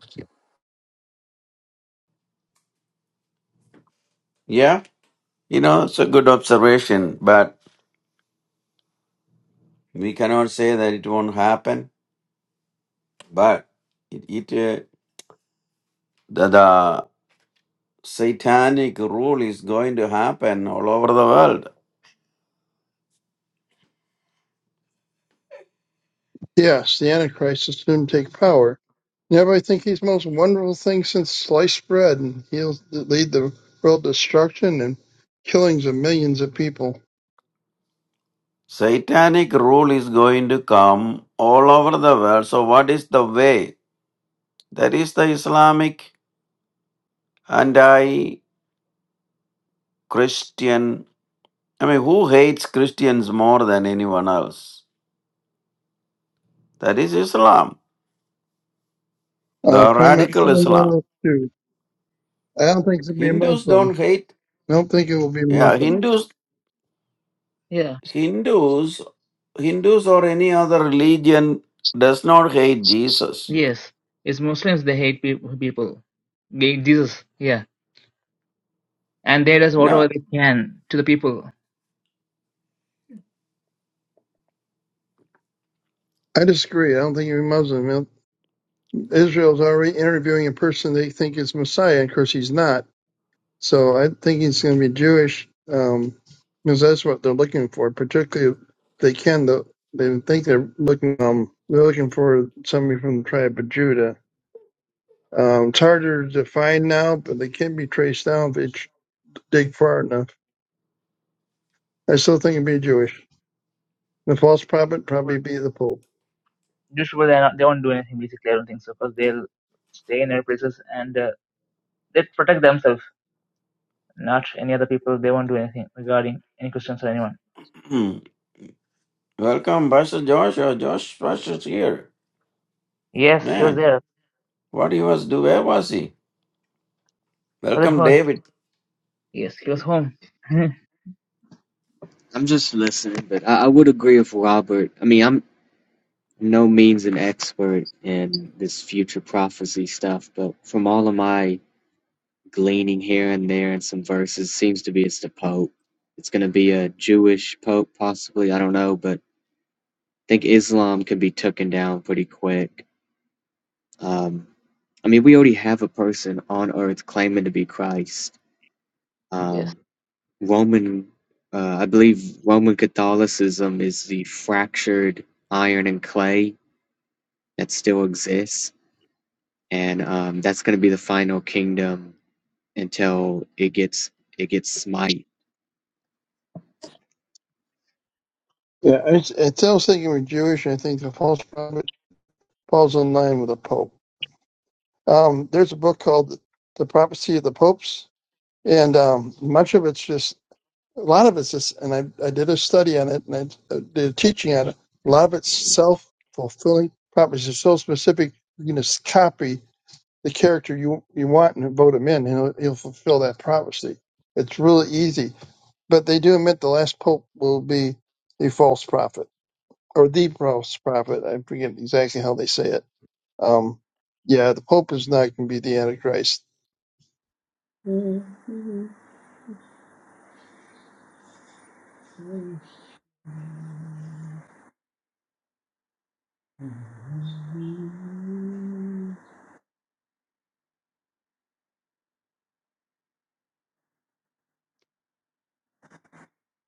Speaker 3: Yeah, you know, it's a good observation, but we cannot say that it won't happen. But it, it uh, the, the satanic rule is going to happen all over the world.
Speaker 4: Yes, the Antichrist is soon take power. Yeah, but I think he's the most wonderful thing since sliced bread, and he'll lead the world to destruction and killings of millions of people.
Speaker 3: Satanic rule is going to come all over the world. So, what is the way? That is the Islamic anti Christian. I mean, who hates Christians more than anyone else? That is Islam,
Speaker 4: Uh,
Speaker 3: the
Speaker 4: Pin-
Speaker 3: radical Islam.
Speaker 4: Pin- I don't think it'll be a
Speaker 3: Hindus
Speaker 4: Muslim.
Speaker 3: don't hate.
Speaker 4: I don't think it will be a
Speaker 3: Yeah,
Speaker 4: Muslim.
Speaker 3: Hindus,
Speaker 1: yeah,
Speaker 3: Hindus, Hindus or any other religion does not hate Jesus.
Speaker 1: yes. It's Muslims, they hate peop people, They- Jesus, yeah, and they does
Speaker 3: Yeah.
Speaker 1: whatever they can to the people.
Speaker 4: I disagree. I don't think he will be Muslim. You know, Israel's already interviewing a person they think is Messiah, and of course he's not. So I think he's going to be Jewish um, because that's what they're looking for. Particularly, if they can. The, they think they're looking. Um, they're looking for somebody from the tribe of Judah. Um, it's harder to find now, but they can be traced down if they dig far enough. I still think it'd be Jewish. The false prophet probably be the Pope.
Speaker 1: usually they they won't do anything basically. I don't think so because they'll stay in their places and uh, they protect themselves, not any other people. They won't do anything regarding any Christians or anyone.
Speaker 3: Hmm. Welcome, Pastor Joshua. Josh, Pastor's here.
Speaker 1: Yes, he was
Speaker 3: Man,
Speaker 1: there.
Speaker 3: what he was doing? Where was he?
Speaker 1: Was it
Speaker 3: Welcome,
Speaker 1: home?
Speaker 3: David.
Speaker 1: Yes, he was home.
Speaker 2: I'm just listening, but I, I would agree with Robert. I mean, I'm no means an expert in this future prophecy stuff, but from all of my gleaning here and there and some verses, seems to be it's the Pope. It's going to be a Jewish Pope, possibly. I don't know, but I think Islam could be taken down pretty quick. Um, I mean, we already have a person on earth claiming to be Christ.
Speaker 1: yes,
Speaker 2: Um, Roman, uh, I believe Roman Catholicism is the fractured iron and clay that still exists, and um, that's going to be the final kingdom until it gets it gets smite
Speaker 4: Yeah, it's, it's I was thinking we're Jewish. I think the false prophet falls in line with the Pope. Um, there's a book called The Prophecy of the Popes, and um, much of it's just a lot of it's just, and I, I did a study on it and I uh, did a teaching on it. A lot of it's self fulfilling prophecy. It's so specific you can just copy the character you you want and vote him in, and he'll, he'll fulfill that prophecy. It's really easy, but they do admit the last pope will be a false prophet or the false prophet. I forget exactly how they say it. Um, yeah, the Pope is not going to be the Antichrist.
Speaker 6: Mm-hmm.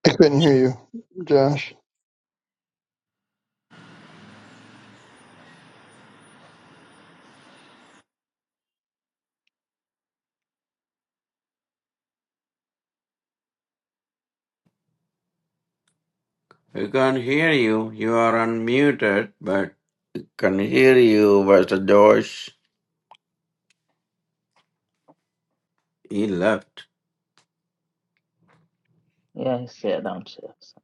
Speaker 4: I couldn't hear you, Josh.
Speaker 3: We can't hear you. You are unmuted, but can hear you, Pastor Josh. He left.
Speaker 1: yeah, he's there downstairs.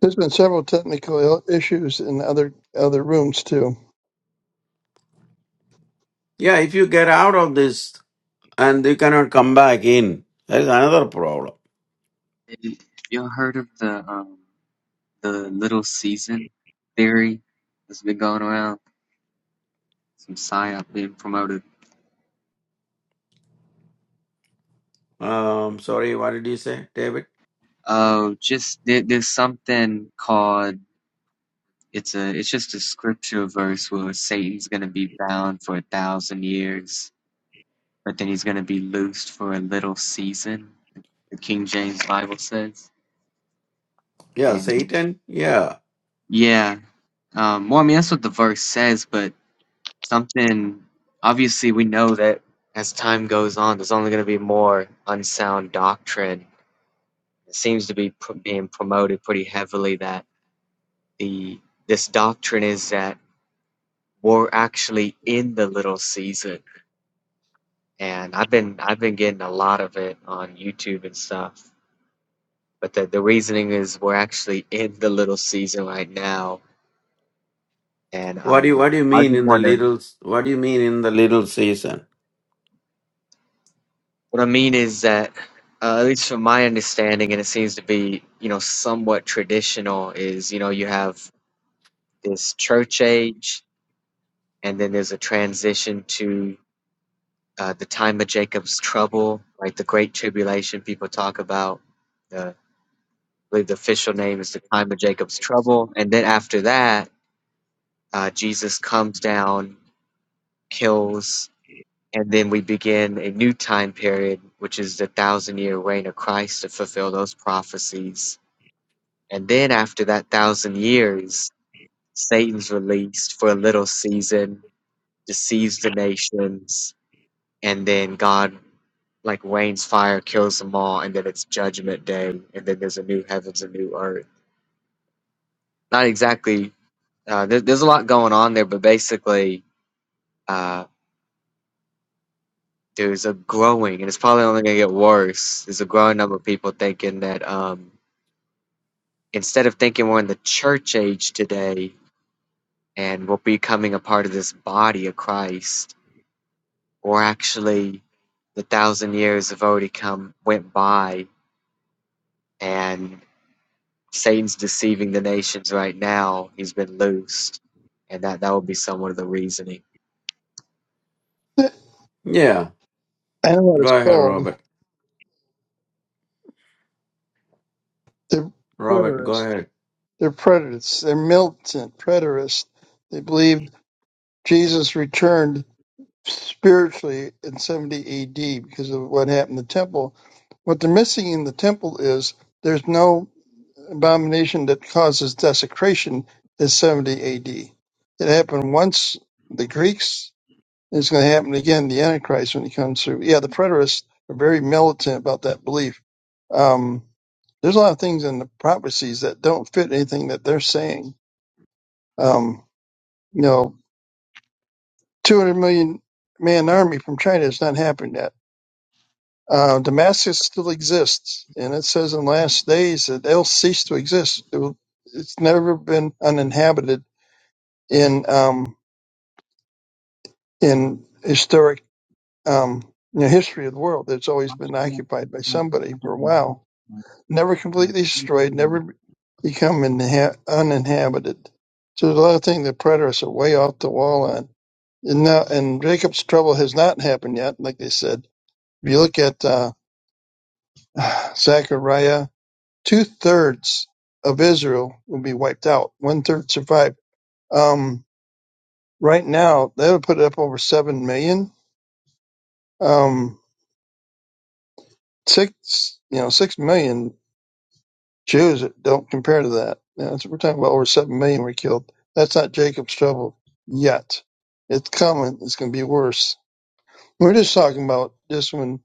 Speaker 4: There's been several technical il- issues in other other rooms too.
Speaker 3: Yeah, if you get out of this and you cannot come back in. That is another problem.
Speaker 2: Have y'all heard of the um the little season theory that's been going around? Some psyop being promoted.
Speaker 3: Um, sorry, what did you say, David?
Speaker 2: Oh, just there, there's something called it's a it's just a scripture verse where Satan's gonna be bound for a thousand years. but then he's going to be loosed for a little season, the King James Bible says.
Speaker 3: Yeah,
Speaker 2: And
Speaker 3: Satan. Yeah.
Speaker 2: yeah, um, well, I mean, that's what the verse says, but something, obviously, we know that as time goes on, there's only going to be more unsound doctrine. It seems to be pr- being promoted pretty heavily that the this doctrine is that we're actually in the little season. And I've been I've been getting a lot of it on YouTube and stuff But the, the reasoning is we're actually in the little season right now. And
Speaker 3: What do you
Speaker 2: um,
Speaker 3: What do you
Speaker 2: I was
Speaker 3: mean
Speaker 2: just
Speaker 3: in the
Speaker 2: wondering.
Speaker 3: little? What do you mean in the little season?
Speaker 2: What I mean is that, uh, at least from my understanding, and it seems to be, you know, somewhat traditional, is, you know, you have this church age, and then there's a transition to uh, the time of Jacob's trouble, like the Great Tribulation people talk about. The, I believe the official name is the time of Jacob's trouble. And then after that, uh, Jesus comes down, kills And then we begin a new time period, which is the thousand year reign of Christ to fulfill those prophecies. And then after that thousand years, Satan's released for a little season, deceives the nations, and then God like rains fire, kills them all, and then it's judgment day, and then there's a new heavens, a new earth. Not exactly. Uh, there, there's a lot going on there, but basically, uh, there's a growing, and it's probably only going to get worse. There's a growing number of people thinking that um, instead of thinking we're in the church age today and we're becoming a part of this body of Christ, or actually the thousand years have already come went by and Satan's deceiving the nations right now. He's been loosed, and that that would be somewhat of the reasoning.
Speaker 4: I
Speaker 3: Yeah.
Speaker 4: know what it's
Speaker 3: Go ahead,
Speaker 4: called.
Speaker 3: Robert.
Speaker 4: They're
Speaker 3: Robert, go
Speaker 4: preterists.
Speaker 3: ahead.
Speaker 4: They're preterists. They're militant preterists. They believe Jesus returned spiritually in 70 AD because of what happened in the temple. What they're missing in the temple is there's no abomination that causes desecration is 70 AD. It happened once, the Greeks, and it's going to happen again, the Antichrist, when he comes through. Yeah, the preterists are very militant about that belief. Um, there's a lot of things in the prophecies that don't fit anything that they're saying. Um, you know, 200 million man army from China has not happened yet. Uh, Damascus still exists, and it says in last days that they'll cease to exist. It will, it's never been uninhabited in um, in historic um, you know, history of the world that's always been occupied by somebody for a while, never completely destroyed, never become inha- uninhabited. So there's a lot of things that predators are way off the wall on. And now, and Jacob's trouble has not happened yet, like they said. If you look at uh, Zechariah, two thirds of Israel will be wiped out. One third survived. Um, right now, they would put it up over seven million. Um, six you know six million Jews don't compare to that. You know, it's- we're talking about over seven million were killed. That's not Jacob's trouble yet. It's coming. It's going to be worse. We're just talking about just when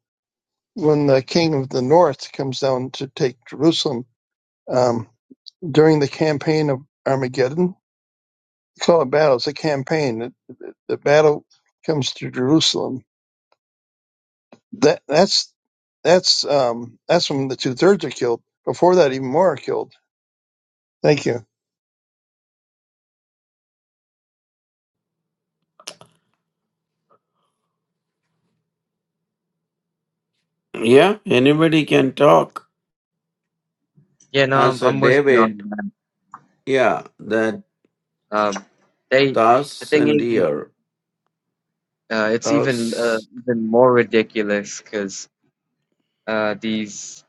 Speaker 4: when the king of the north comes down to take Jerusalem um, during the campaign of Armageddon. They call it battle. It's a campaign. The, the the battle comes to Jerusalem. That that's that's um, that's when the two thirds are killed. Before that, even more are killed. Thank you.
Speaker 3: Yeah. Anybody can talk.
Speaker 2: Yeah, no,
Speaker 3: I
Speaker 2: I'm,
Speaker 3: said,
Speaker 2: I'm with you
Speaker 3: David.
Speaker 2: on that.
Speaker 3: Yeah. That
Speaker 2: Um, they the thing
Speaker 3: thousand
Speaker 2: is,
Speaker 3: year,
Speaker 2: uh, it's even uh,
Speaker 3: thousand
Speaker 2: even more ridiculous because uh, these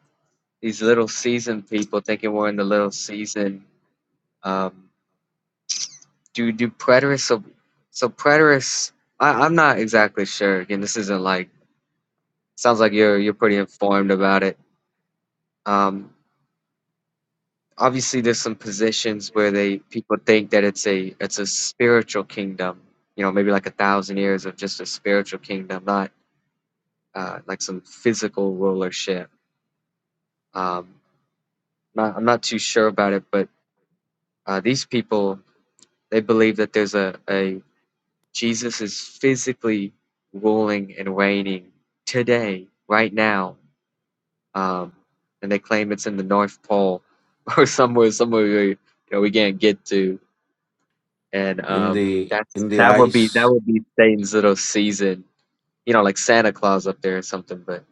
Speaker 2: these little season people thinking we're in the little season Um, do do preterists so so preterists? I, I'm not exactly sure. Again, this isn't like sounds like you're you're pretty informed about it. Um, obviously, there's some positions where they people think that it's a it's a spiritual kingdom. You know, maybe like a thousand years of just a spiritual kingdom, not uh, like some physical rulership. Um, not, I'm not too sure about it, but uh, these people they believe that there's a, a Jesus is physically ruling and reigning today, right now. Um, and they claim it's in the North Pole or somewhere, somewhere we, you know, we can't get to. And
Speaker 3: in
Speaker 2: um,
Speaker 3: the
Speaker 2: that's
Speaker 3: in the
Speaker 2: that would be that
Speaker 3: ice
Speaker 2: would be Satan's little season, you know, like Santa Claus up there or something. But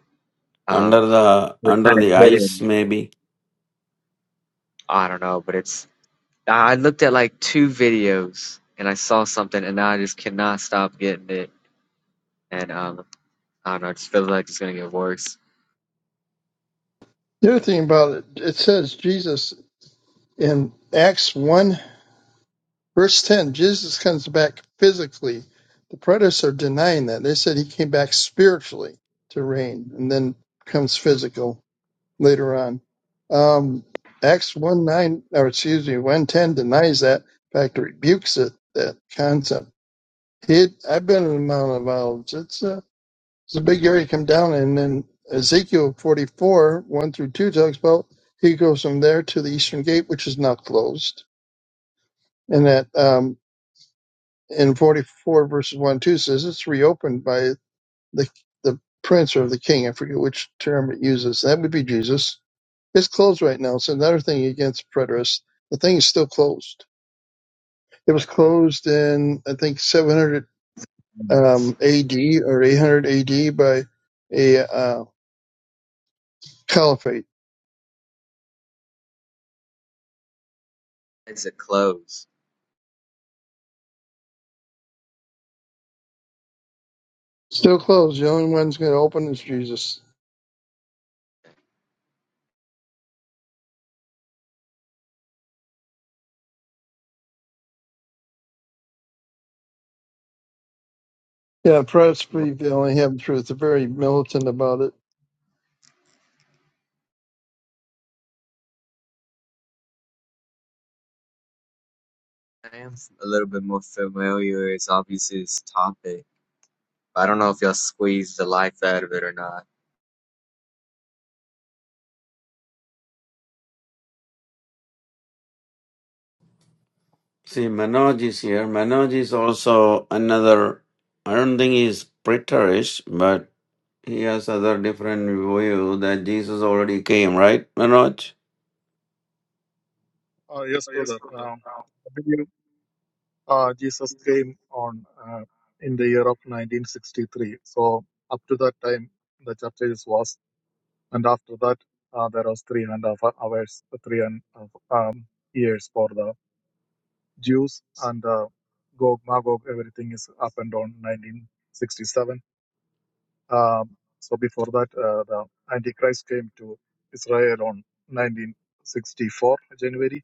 Speaker 2: um,
Speaker 3: under the
Speaker 2: we're
Speaker 3: under
Speaker 2: kind of
Speaker 3: the ice
Speaker 2: hidden.
Speaker 3: maybe
Speaker 2: I don't know, but it's. I looked at like two videos and I saw something, and now I just cannot stop getting it. And um, I don't know, it just feels like it's gonna get worse.
Speaker 4: The other thing about it, it says Jesus in Acts 1, verse 10, Jesus comes back physically. The predators are denying that. They said he came back spiritually to reign and then comes physical later on. Um, Acts 1 9, or excuse me, one 10 denies that. In fact, it rebukes it, that concept. He, I've been in the Mount of Olives. It's a it's a big area to come down in. And then Ezekiel 44, 1 through 2 talks about he goes from there to the eastern gate, which is not closed. And that um, in 44 verses 1 and 2 says it's reopened by the, the prince or the king. I forget which term it uses. That would be Jesus. It's closed right now. It's another thing against preterists. The thing is still closed. It was closed in, I think, 700 um, AD or 800 AD by a uh, caliphate
Speaker 2: as a close.
Speaker 4: Still closed. The only one's going to open is Jesus. Yeah, press
Speaker 2: What
Speaker 4: free. They only have truth. They're very militant about it.
Speaker 2: I am a little bit more familiar is obviously this topic. I don't know if y'all squeezed the life out of it or not.
Speaker 3: See, Manoj is here. Manoj is also another, I don't think he's preterist, but he has other different view that Jesus already came, right, Manoj?
Speaker 7: Uh, yes, brother. Um, I believe uh, Jesus came on uh, in the year of 1963. So up to that time, the churches was, and after that, uh, there was three and a half hours, three and a half, um, years for the Jews and uh, Gog Magog. Everything is up and down 1967. Um, so before that, uh, the Antichrist came to Israel on 1964 January,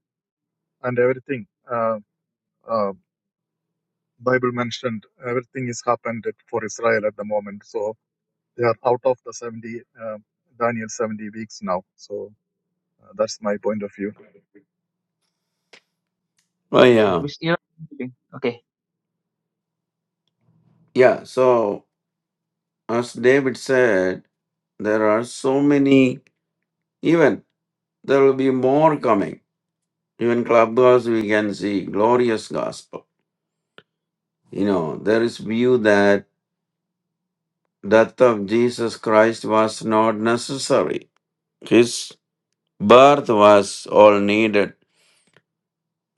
Speaker 7: and everything. Uh, uh, Bible mentioned everything is happened for Israel at the moment. So they are out of the 70, uh, Daniel 70 weeks now. So uh, that's my point of view.
Speaker 3: Oh,
Speaker 1: Okay,
Speaker 3: yeah.
Speaker 1: which era? Okay,
Speaker 3: Yeah, so as David said, there are so many, even there will be more coming. Even Clubhouse, we can see glorious gospel. You know, there is view that death of Jesus Christ was not necessary. Birth was all needed.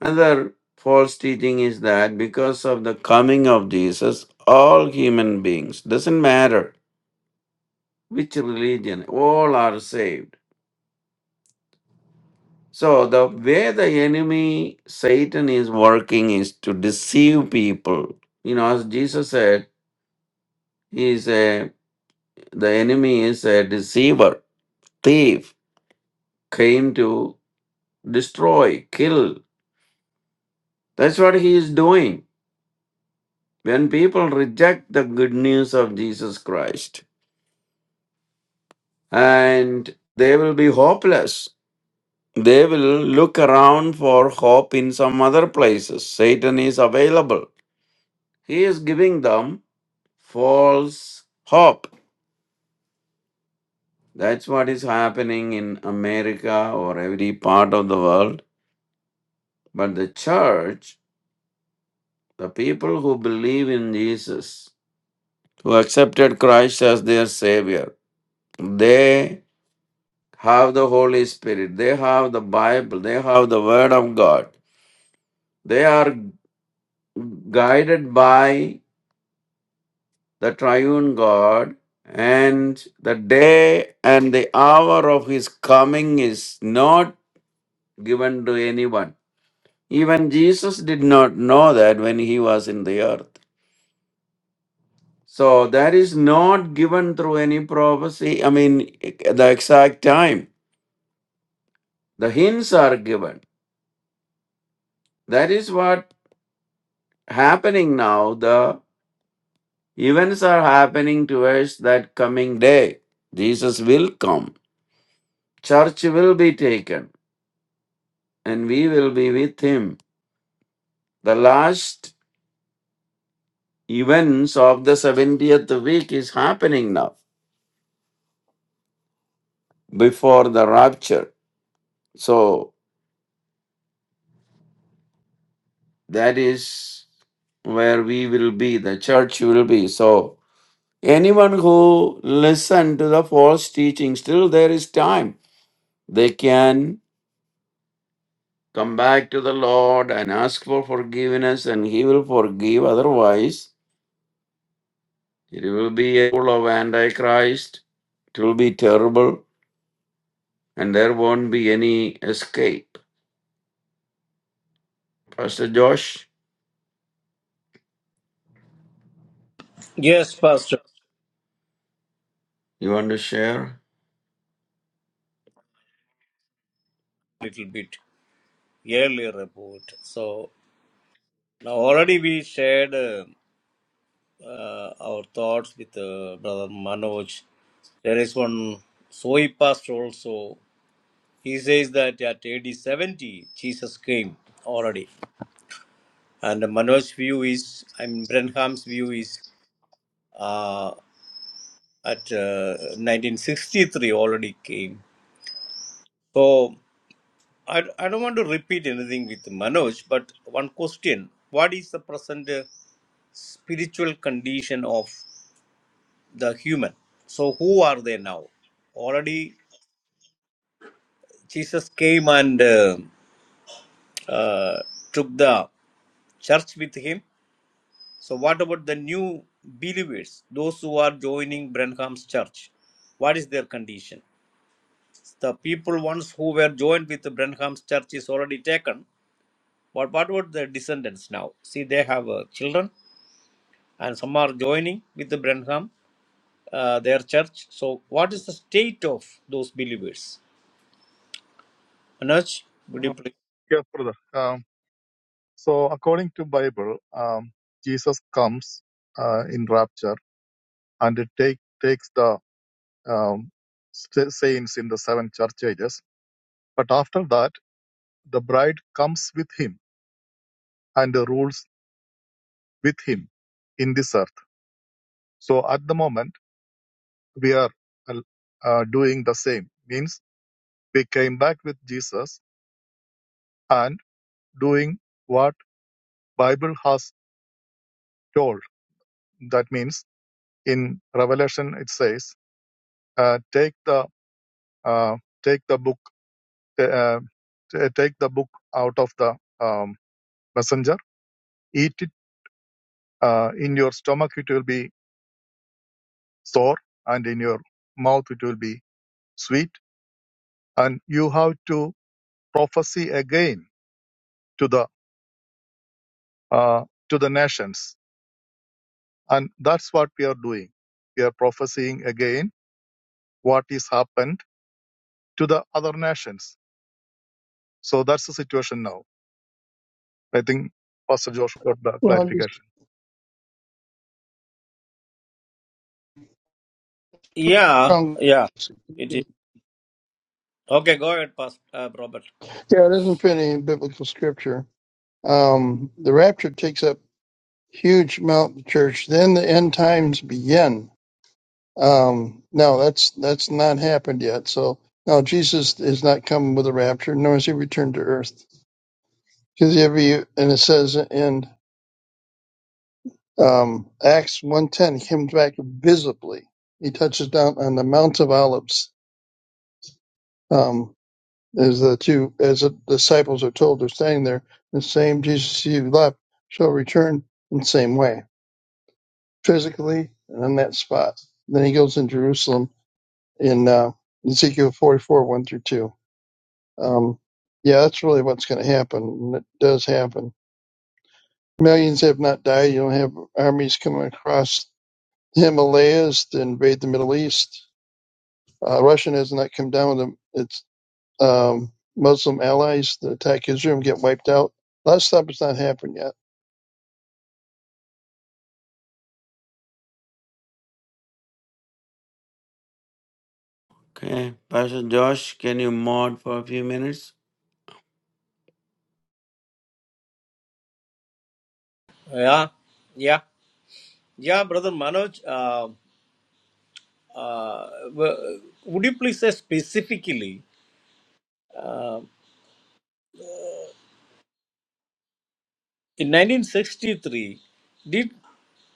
Speaker 3: Another false teaching is that because of the coming of Jesus, all human beings, doesn't matter which religion, all are saved. So, the way the enemy, Satan, is working is to deceive people. You know, as Jesus said, he is a, the enemy is a deceiver, thief, came to destroy, kill. That's what he is doing When people reject the good news of Jesus Christ and they will be hopeless, they will look around for hope in some other places. Satan is available. He is giving them false hope. That's what is happening in America or every part of the world. But the church, the people who believe in Jesus, who accepted Christ as their Savior, they. have the Holy Spirit, they have the Bible, they have the Word of God. They are guided by the triune God, and the day and the hour of his coming is not given to anyone. Even Jesus did not know that when he was in the earth. So that is not given through any prophecy. I mean, the exact time. The hints are given. That is what happening now. The Events are happening towards that coming day. Jesus will come. Church will be taken and we will be with him. The last events of the 70th week is happening now before the rapture. So that is where we will be, the church will be. So anyone who listen to the false teachings, still there is time. They can Come back to the Lord and ask for forgiveness, and He will forgive. Otherwise, it will be a full of Antichrist. It will be terrible, and there won't be any escape. Pastor Josh,
Speaker 6: Yes, Pastor,
Speaker 3: you want to share?
Speaker 6: a little bit earlier about. So now already we shared uh, uh, our thoughts with uh, Brother Manoj. There is one Soy pastor also. He says that at AD 70, Jesus came already. And Manoj's view is, I mean, Brenham's view is uh, at uh, 1963 already came. So I, I don't want to repeat anything with Manoj, but one question. What is the present uh, spiritual condition of the human? So, who are they now? Already, Jesus came and uh, uh, took the church with him. So, what about the new believers, those who are joining Branham's church? What is their condition? The people once who were joined with Branham's church is already taken. But what about the descendants now? See, they have uh, children and some are joining with the Branham, uh, their church. So, what is the state of those believers? Manoj? would you
Speaker 7: Uh,
Speaker 6: please?
Speaker 7: yes, brother. Um, so according to Bible, um, Jesus comes uh, in rapture and it take, takes the um, sa- saints in the seven church ages. But after that, the bride comes with him and rules with him in this earth. So at the moment, we are uh, doing the same means we came back with jesus and doing what bible has told that means in revelation it says uh, take the uh, take the book uh, t- take the book out of the um, messenger eat it uh, in your stomach it will be sour and in your mouth it will be sweet and you have to prophesy again to the uh, to the nations And that's what we are doing. We are prophesying again what is happened to the other nations. So that's the situation now. I think Pastor Josh got the
Speaker 4: Well, I'm just
Speaker 7: clarification.
Speaker 6: Yeah,
Speaker 4: trying-
Speaker 6: yeah, it is. Okay, go ahead, Pastor uh, Robert.
Speaker 4: yeah, it doesn't fit any biblical scripture. Um, the rapture takes up huge amount of the church. Then the end times begin. Um, no, that's that's not happened yet. So no, Jesus is not coming with a rapture, nor is he returned to earth. Because every and it says in Um, Acts one ten he comes back visibly. He touches down on the Mount of Olives. Um, as the two, as the disciples are told, they're standing there. The same Jesus you left shall return in the same way, physically and on that spot. Then he goes in Jerusalem in uh, Ezekiel 44, 1 through 2. Um, yeah, that's really what's going to happen. And it does happen. Millions have not died. You will have armies coming across the Himalayas to invade the Middle East Uh, Russia isn't come down with the, its um, Muslim allies that attack Israel and get wiped out. A lot of stuff has not happened yet.
Speaker 3: Okay, Pastor Josh, can you mod for a few minutes?
Speaker 6: Yeah, yeah, yeah, brother Manoj. Uh, uh, w- would you please say specifically uh, in 1963? Did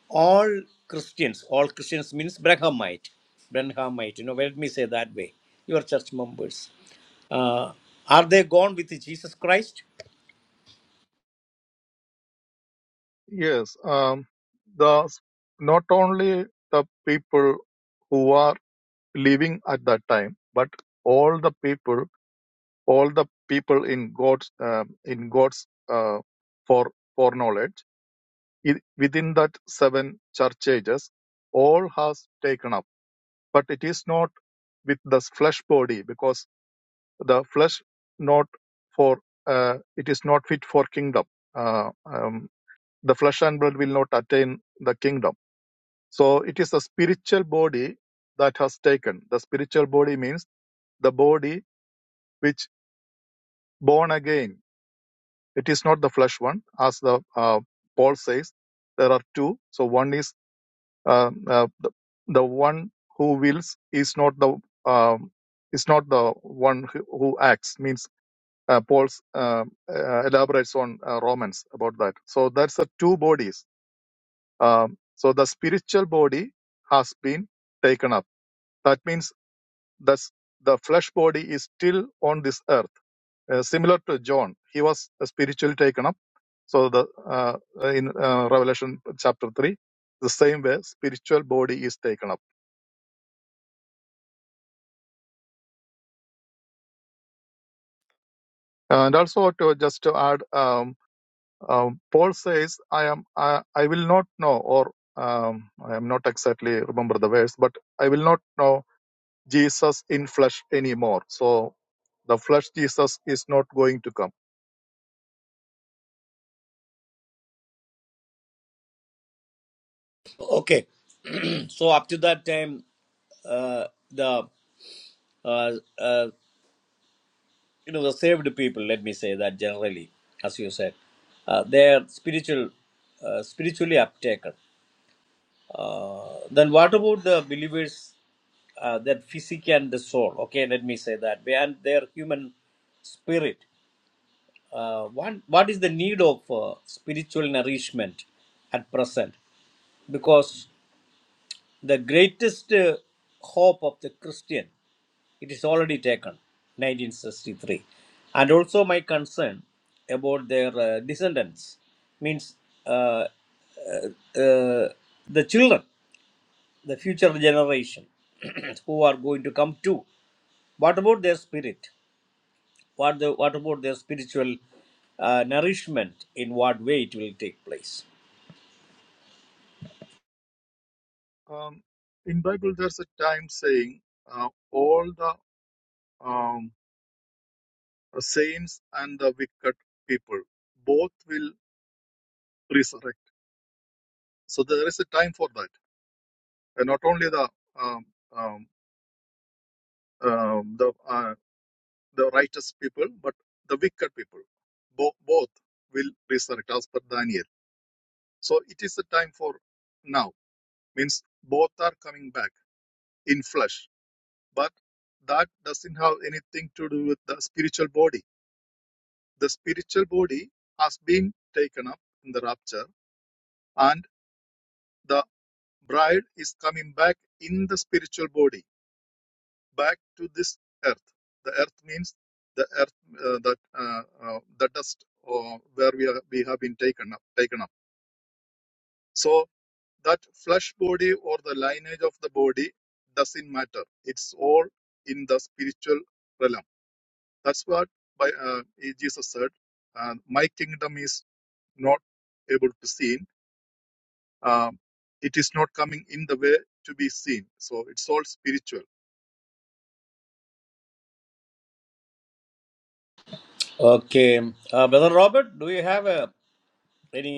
Speaker 6: all Christians, all Christians means Brahmite, Brahmite, you know, let me say that way, your church members, uh, are they gone with Jesus Christ?
Speaker 7: Yes. Um, the, not only the people who are living at that time, but all the people, all the people in God's, um, in God's, uh, for, foreknowledge, i- within that seven church ages, all has taken up. but it is not with the flesh body because the flesh not for uh, it is not fit for kingdom uh, um, the flesh and blood will not attain the kingdom so it is the spiritual body that has taken the spiritual body means the body which born again it is not the flesh one as the uh, paul says there are two so one is uh, uh, the, the one who wills is not the um, is not the one who who acts means uh, paul's uh, uh, elaborates on uh, romans about that so that's the two bodies um, so the spiritual body has been taken up that means that's the flesh body is still on this earth uh, similar to john he was uh, spiritually taken up so the uh, in uh, revelation chapter 3 the same way spiritual body is taken up Uh, And also to just to add, um, um, Paul says, "I am, I, I will not know," or um, I am not exactly remember the verse, but I will not know Jesus in flesh anymore. So the flesh Jesus is not going to come.
Speaker 6: Okay, so up to that time, uh, the uh, uh, you know the saved people, let me say that generally, as you said, uh, they are spiritual, uh, spiritually uptaken. Uh, then what about the believers uh, that physique and the soul okay let me say that and their human spirit uh, what, what is the need of uh, spiritual nourishment at present because the greatest uh, hope of the christian it is already taken 1963 and also my concern about their uh, descendants means uh, uh, uh, the children the future generation who are going to come to what about their spirit what the what about their spiritual uh, nourishment in what way it will take place
Speaker 7: Um, in Bible, there's a time saying, uh, "All the um, saints and the wicked people, both will resurrect." So there is a time for that, and not only the um, um, um, the uh, the righteous people, but the wicked people. Bo- both will resurrect as per Daniel. So it is a time for now. Means both are coming back in flesh. But that doesn't have anything to do with the spiritual body. The spiritual body has been taken up in the rapture and the bride is coming back in the spiritual body back to this earth. The earth means the earth uh, that uh, uh, the dust uh, where we are, we have been taken up, taken up. So that flesh body or the lineage of the body doesn't matter. It's all in the spiritual realm. That's what by uh, Jesus said. Uh, My kingdom is not able to seen. Um, it is not coming in the way to be seen. So it's all spiritual
Speaker 6: okay uh, brother robert do you have uh, any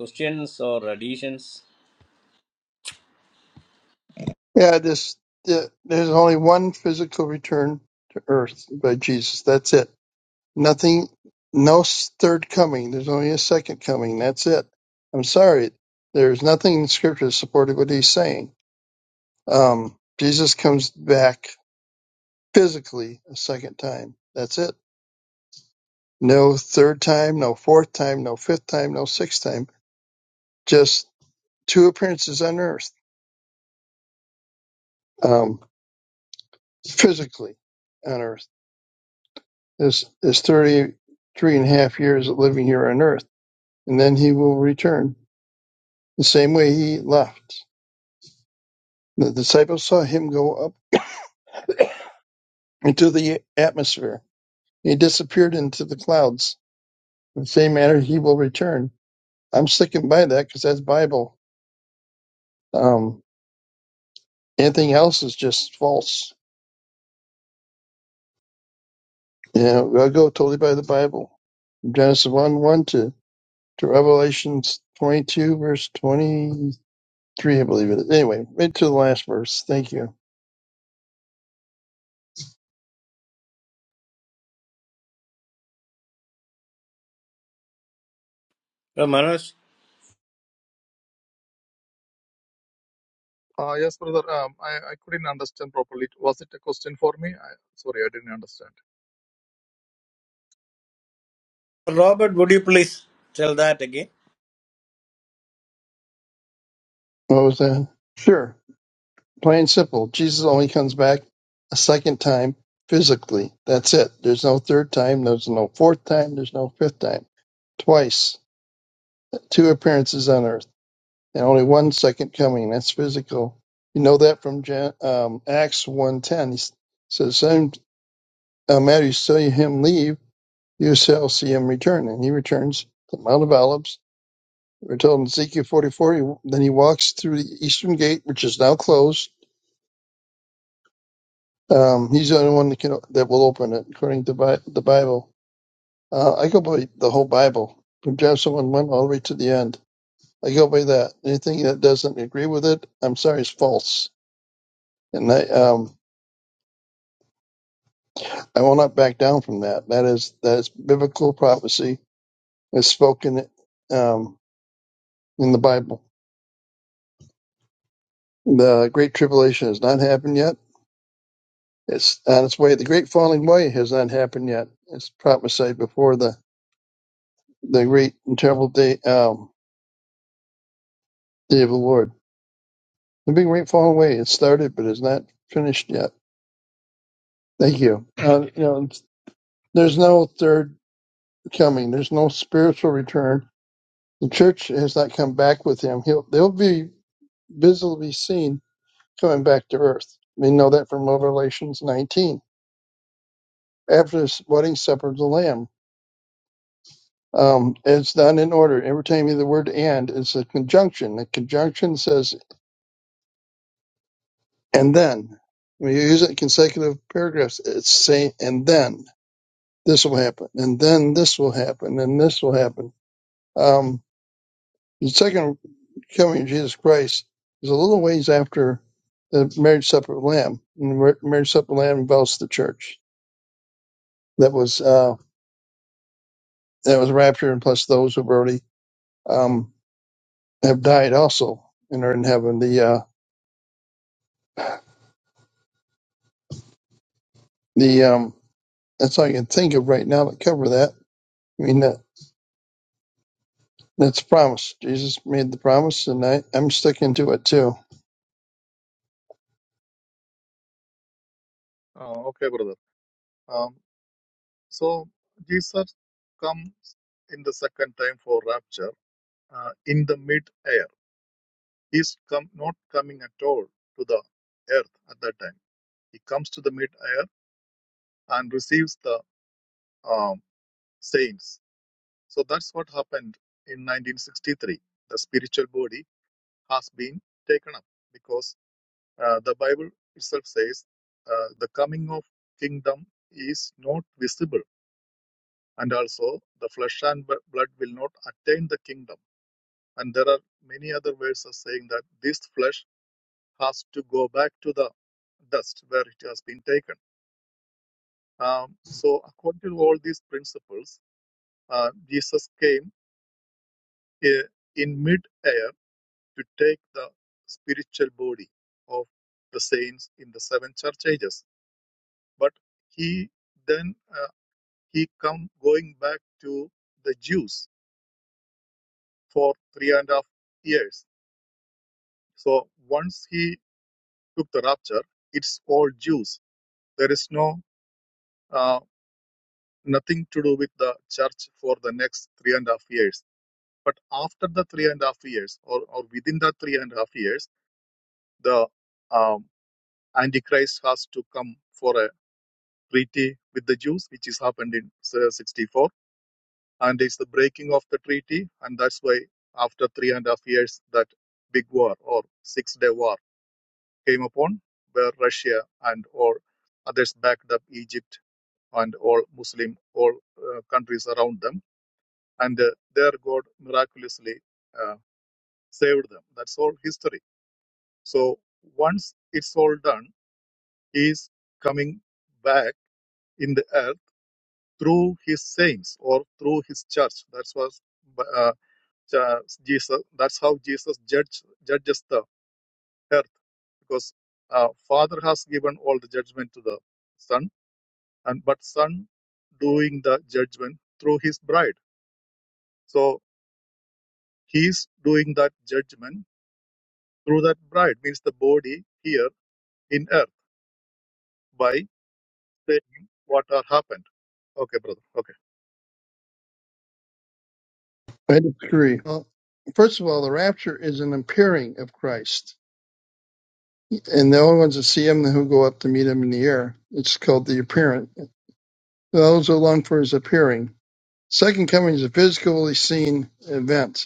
Speaker 6: questions or additions
Speaker 4: Yeah, this the, there's only one physical return to earth by Jesus. That's it. Nothing, no third coming. There's only a second coming. That's it. I'm sorry. There's nothing in Scripture to support what he's saying. Um, Jesus comes back physically a second time. That's it. No third time, no fourth time, no fifth time, no sixth time just two appearances on earth, um, physically on earth. This is 33 and a half years of living here on earth, and then he will return the same way he left. The disciples saw him go up into the atmosphere. He disappeared into the clouds. In the same manner, he will return. I'm sticking by that because that's Bible. Um, anything else is just false. You know, I go totally by the Bible. Genesis 1 1 to to Revelation 22, verse 23, I believe it is. Anyway, right to the last verse. Thank you.
Speaker 6: uh, manoj
Speaker 7: Uh, yes, brother. Um, I, I couldn't understand properly. Was it a question for me? I, sorry, I didn't understand.
Speaker 6: robert would you please tell that again
Speaker 4: What was that? Sure. Plain and simple. Jesus only comes back a second time physically. That's it. There's no third time. There's no fourth time. There's no fifth time. Twice. Two appearances on earth and only one second coming. That's physical. You know that from Jan- um, Acts 1.10. He s- says, send uh, matter you saw him leave. You shall see him return. And he returns to the Mount of Olives. We're told in Ezekiel 44, he, then he walks through the eastern gate, which is now closed. Um, he's the only one that, can, that will open it, according to Bi- the Bible. Uh, I go by the whole Bible, from Genesis 1 1 all the way to the end. I go by that. Anything that doesn't agree with it, I'm sorry, is false. And I, um, I will not back down from that. That is that is biblical prophecy as spoken um, in the Bible. The Great Tribulation has not happened yet It's on its way. The great falling away has not happened yet. It's prophesied before the, the great and terrible day, um, day of the Lord. The big great falling away has started, but is not finished yet. Thank you. Uh, you know, there's no third coming. There's no spiritual return. The church has not come back with him. He'll, they'll be visibly seen coming back to earth. We know that from Revelations 19. After this wedding supper of the Lamb, Um, it's not in order. Every time you the word and, it's a conjunction. The conjunction says and then. When you use it in consecutive paragraphs, it's saying and then this will happen, and then this will happen, and this will happen. Um, the second coming of Jesus Christ is a little ways after the marriage supper of the Lamb. And the mar- marriage supper of the Lamb involves the church that was uh, that was raptured, and plus those who've already um, have died also and are in heaven. The uh, the um, That's all I can think of right now to cover that. I mean, that that's a promise. Jesus made the promise, and I, I'm sticking to it too.
Speaker 7: Uh, okay, brother. Um, so Jesus comes in the second time for rapture uh, in the mid-air. He's come not coming at all to the earth at that time. He comes to the mid-air and receives the um, saints. So that's what happened in 1963. The spiritual body has been taken up because. Uh, the Bible itself says uh, the coming of kingdom is not visible, and also the flesh and b- blood will not attain the kingdom. And there are many other verses saying that this flesh has to go back to the dust where it has been taken. Um, so, according to all these principles, uh, Jesus came uh, in mid-air to take the spiritual body of the saints in the seven church ages. But he then uh, he come going back to the Jews for three and a half years. So once he took the rapture, it's all Jews. There is no uh, nothing to do with the church for the next three and a half years. But after the three and a half years, or, or within the three and a half years, the um, Antichrist has to come for a treaty with the Jews, which is happened in uh, 64 and it's the breaking of the treaty, and that's why after three and a half years that big war or six day war came upon where Russia and all others backed up Egypt and all Muslim all uh, countries around them, and uh, their God miraculously uh, saved them. That's all history. So once it's all done, He is coming back in the earth through His saints or through His church. That was. uh, Jesus. That's how Jesus judge, judges the earth because uh, Father has given all the judgment to the Son, and but Son doing the judgment through His bride. So He's doing that judgment through that bride means the body here in earth by saying what are happened. Okay, brother. Okay.
Speaker 4: I disagree. Well, first of all, the rapture is an appearing of Christ, and the only ones that see him who go up to meet him in the air. It's called the appearing. Those who long for his appearing. Second coming is a physically seen event.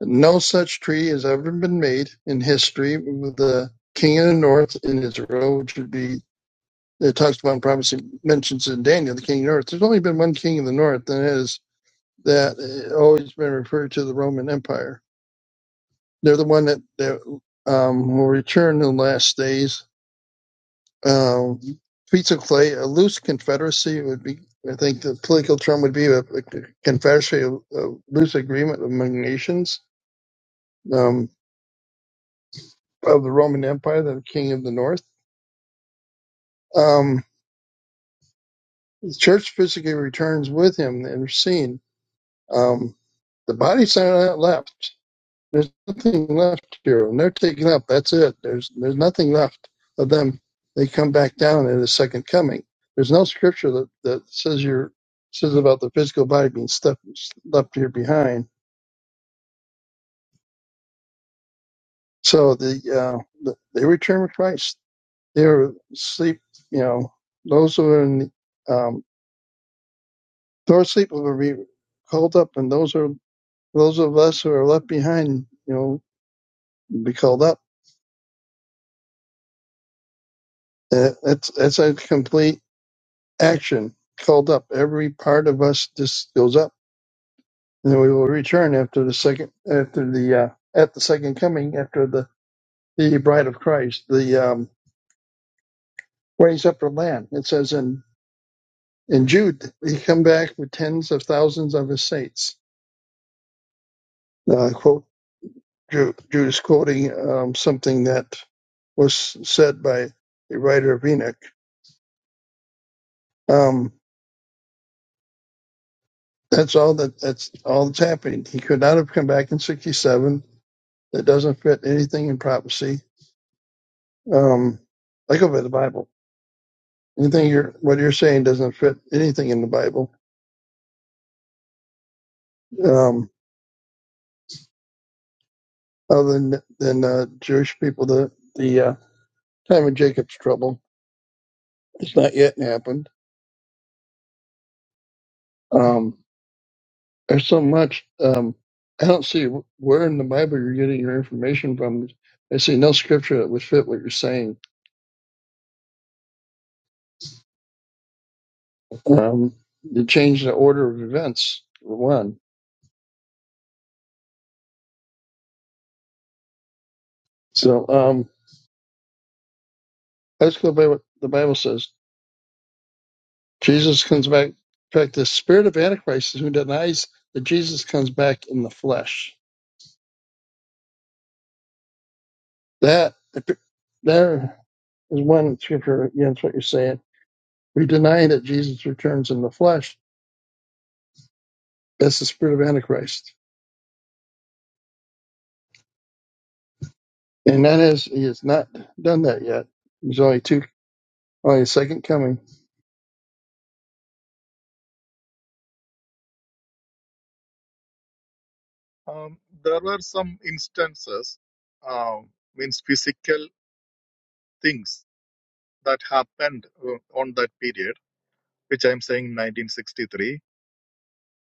Speaker 4: No such treaty has ever been made in history with the king of the north in Israel, which would be that talks about and prophecy mentions in Daniel, the king of the north. There's only been one king of the north, and it is that uh, always been referred to the Roman Empire. They're the one that, that um, will return in the last days. Um, Pizza Clay, a loose confederacy would be, I think the political term would be a, a confederacy, a, a loose agreement among nations um, of the Roman Empire, the king of the north. Um, the church physically returns with him and seen. Um, the body center ain't left. There's nothing left here, and they're taken up. That's it. There's there's nothing left of them. They come back down in the second coming. There's no scripture that, that says you're says about the physical body being stuff, left here behind. So the, uh, the they return with Christ. They are sleep. You know, those who are in um, those sleep will be called up, and those are those of us who are left behind. You know, will be called up Uh, It's it's a complete action called up. Every part of us just goes up, and we will return after the second after the uh, at the second coming after the the bride of Christ, the um, raised up her land. It says in in Jude, he come back with tens of thousands of his saints. Uh, quote Jude, Jude is quoting um, something that was said by the writer of Enoch. Um, that's all that that's all that's happening. He could not have come back in sixty seven that doesn't fit anything in prophecy. Um, like over the Bible, anything you're what you're saying doesn't fit anything in the Bible, um, other than than uh, Jewish people. The the uh, time of Jacob's trouble it's not yet happened. Um, there's so much. Um, I don't see where in the Bible you're getting your information from. I see no scripture that would fit what you're saying. Um, you change the order of events for one. So um, let's go by what the Bible says. Jesus comes back. In fact, the spirit of Antichrist is who denies that Jesus comes back in the flesh. That there is one scripture against what you're saying. We deny that Jesus returns in the flesh. That's the spirit of Antichrist, and that is he has not done that yet. There's only two, only a second coming.
Speaker 7: Um, there were some instances, uh, means physical things that happened uh, on that period which I'm saying 1963.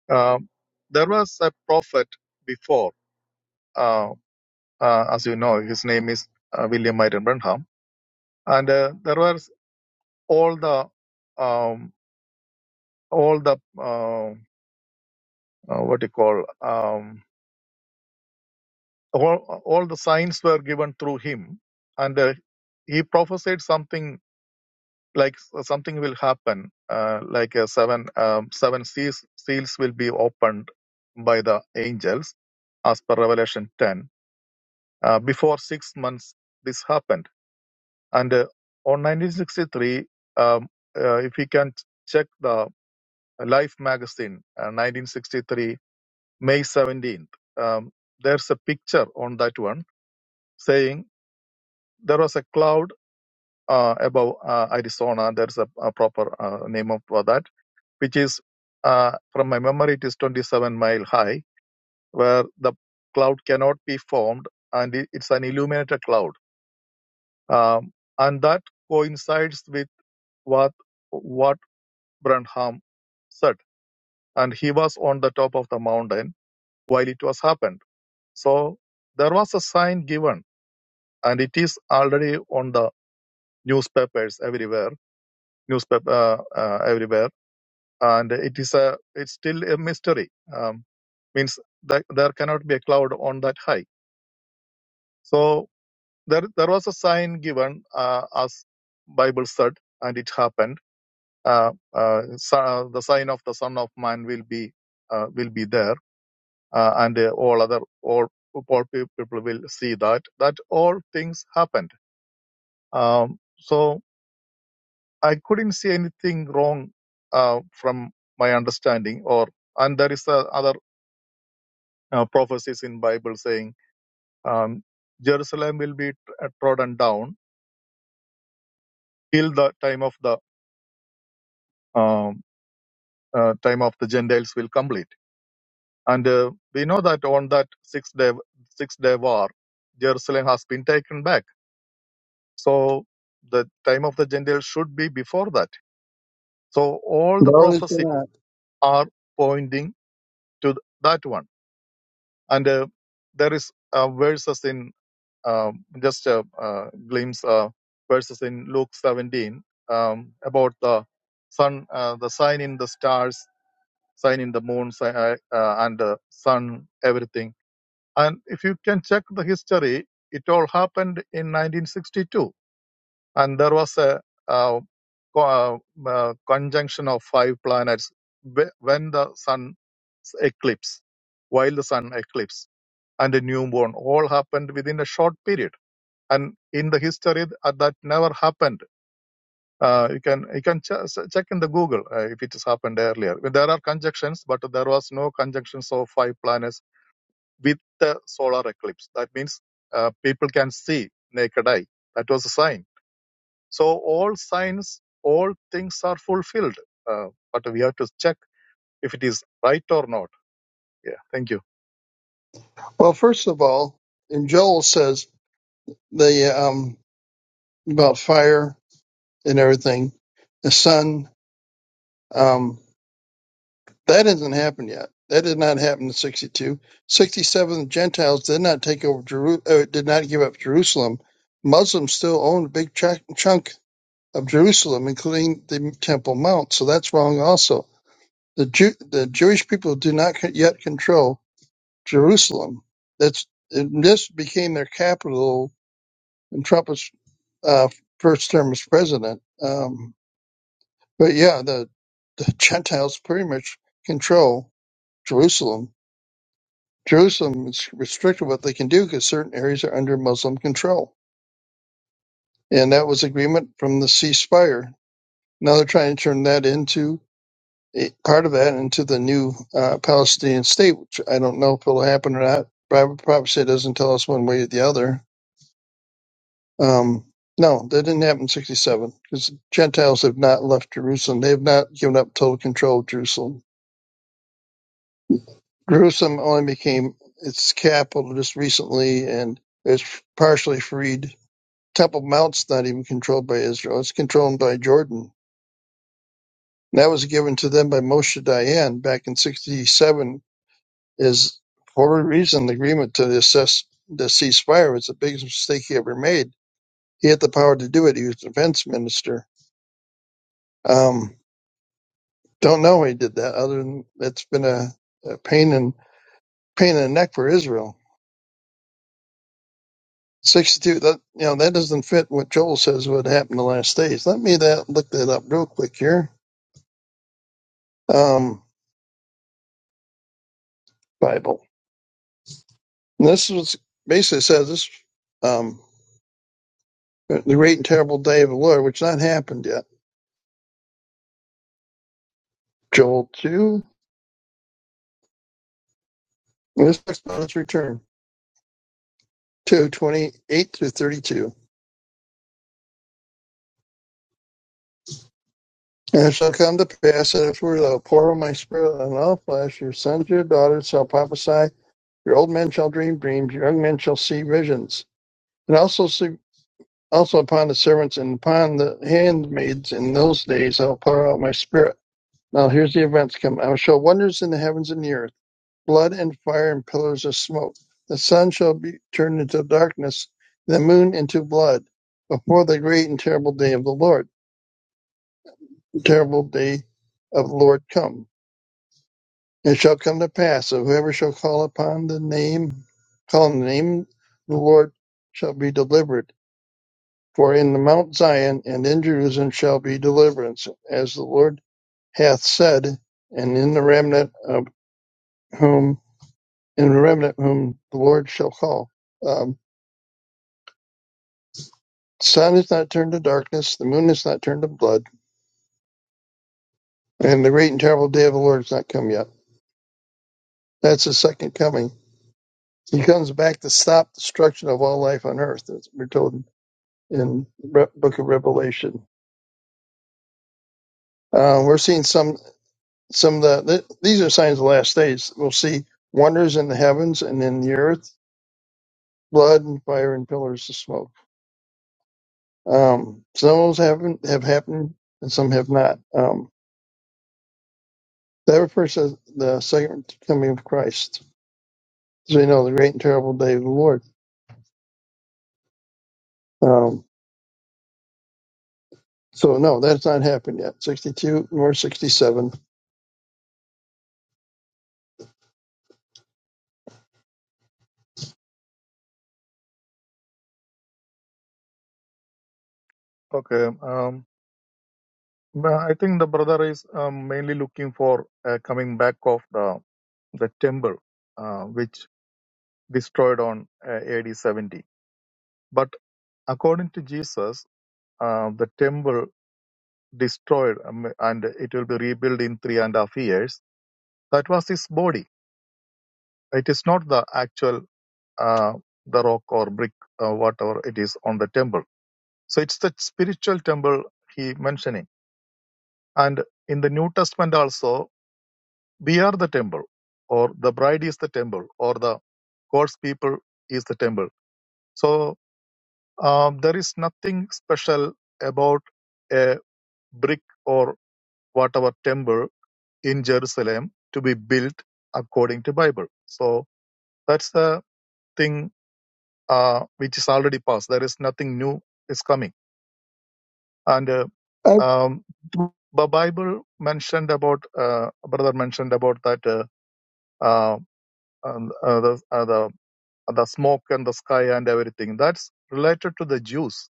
Speaker 7: Um, there was a prophet before, uh, uh, as you know, his name is uh, William Myron Branham, and uh, there was all the um, all the uh, uh, what you call um, all, all the signs were given through him, and uh, he prophesied something like uh, something will happen, uh, like uh, seven um, seven seals, seals will be opened by the angels, as per Revelation 10 Uh, before six months, this happened. And uh, on 1963, um, uh, if you can check the Life magazine, uh, 1963, May 17th, um, there's a picture on that one saying there was a cloud uh, above uh, Arizona. There's a, a proper uh, name of- for that, which is, uh, from my memory, it is 27 mile high, where the cloud cannot be formed and it- it's an illuminated cloud Um, and that coincides with what, what Branham said. And he was on the top of the mountain while it was happened. So there was a sign given, and it is already on the newspapers everywhere, newspaper uh, uh, everywhere, and it is a it's still a mystery. Um, means that there cannot be a cloud on that high. So there there was a sign given uh, as Bible said, and it happened uh, uh, so the sign of the Son of Man will be uh, will be there, uh, and uh, all other all poor people will see that that all things happened. Um, so I couldn't see anything wrong uh, from my understanding, or and there is uh, other uh, prophecies in Bible saying um, Jerusalem will be trodden down till the time of the um, uh, time of the Gentiles will complete And uh, we know that on that six day six day war, Jerusalem has been taken back. So the time of the Gentiles should be before that. So all the
Speaker 4: No, there's
Speaker 7: prophecies
Speaker 4: not.
Speaker 7: are pointing to that one. And uh, there is uh, verses in um, just a uh, glimpse uh, verses in Luke 17 um, about the sun, uh, the sign in the stars, sign in the moon, si- uh, uh, and the sun, everything And if you can check the history, it all happened in 1962. And there was a, uh co- uh, uh, conjunction of five planets when the sun eclipse, while the sun eclipse and the newborn all happened within a short period. And in the history, uh, that never happened. Uh, you can you can ch- check in the Google uh, if it has happened earlier. There are conjunctions, but there was no conjunctions of five planets with the solar eclipse. That means uh, people can see naked eye. That was a sign. So all signs, all things are fulfilled. Uh, but we have to check if it is right or not. Yeah. Thank you.
Speaker 4: Well, first of all, and Joel says the um about fire and everything, the sun. um. That hasn't happened yet. That did not happen in 62. 67, the Gentiles did not take over Jeru- uh, did not give up Jerusalem. Muslims still own a big ch- chunk of Jerusalem, including the Temple Mount. So that's wrong also. The Jew- the Jewish people do not co- yet control Jerusalem. That's and this became their capital in Trump's uh, first term as president. Um, but yeah, the, the Gentiles pretty much control Jerusalem Jerusalem is restricted what they can do because certain areas are under Muslim control. And that was agreement from the ceasefire. Now they're trying to turn that into a, part of that into the new uh, Palestinian state, which I don't know if it'll happen or not. Bible prophecy doesn't tell us one way or the other. Um, no, that didn't happen in 67 because Gentiles have not left Jerusalem. They have not given up total control of Jerusalem. Jerusalem only became its capital just recently and it's partially freed Temple Mount's not even controlled by Israel. It's controlled by Jordan. That was given to them by Moshe Dayan back in 67 is for a reason the agreement to assess the ceasefire was the biggest mistake he ever made. He had the power to do it. He was defense minister. Um, don't know how he did that other than it's been a, a pain in pain in the neck for Israel. 62 that you know that doesn't fit what Joel says would happen in the last days. Let me that look that up real quick here. Um, Bible. And this was basically says this um the great and terrible day of the Lord, which not happened yet. Joel two. And this talks about his return. Two twenty eight through thirty two. And it shall come to pass that afterward I will pour out my spirit on all flesh, your sons and your daughters shall prophesy, your old men shall dream dreams, your young men shall see visions. And also see also upon the servants and upon the handmaids in those days I'll pour out my spirit. Now here's the events come. I will show wonders in the heavens and the earth blood and fire and pillars of smoke. The sun shall be turned into darkness, the moon into blood, before the great and terrible day of the Lord, the terrible day of the Lord come. It shall come to pass that whoever shall call upon the name, call on the name of the Lord shall be delivered. For in the Mount Zion and in Jerusalem shall be deliverance, as the Lord hath said, and in the remnant of whom, in the remnant whom the Lord shall call. um. The sun is not turned to darkness, the moon is not turned to blood, and the great and terrible day of the Lord has not come yet. That's his second coming. He comes back to stop destruction of all life on earth, as we're told in the book of Revelation. Uh, we're seeing some some of the, th- these are signs of the last days. We'll see wonders in the heavens and in the earth, blood and fire and pillars of smoke. Um, some of those haven't have happened and some have not. Um, that refers to the second coming of Christ So you know the great and terrible day of the Lord. Um, so no, that's not happened yet. Sixty-two nor sixty-seven.
Speaker 7: Okay. Um, I think the brother is um, mainly looking for uh, coming back of the the temple uh, which destroyed on uh, AD 70. But according to Jesus, uh, the temple destroyed um, and it will be rebuilt in three and a half years That was his body. It is not the actual uh, the rock or brick, uh, whatever it is on the temple. So it's the spiritual temple he mentioning. And in the New Testament also, we are the temple, or the bride is the temple, or the God's people is the temple. So um, there is nothing special about a brick or whatever temple in Jerusalem to be built according to Bible. So that's the thing uh, which is already past. There is nothing new is coming. And uh,
Speaker 4: I,
Speaker 7: um, the Bible mentioned about uh, brother mentioned about that uh, uh, um, uh, the, uh, the the smoke and the sky and everything. That's related to the Jews.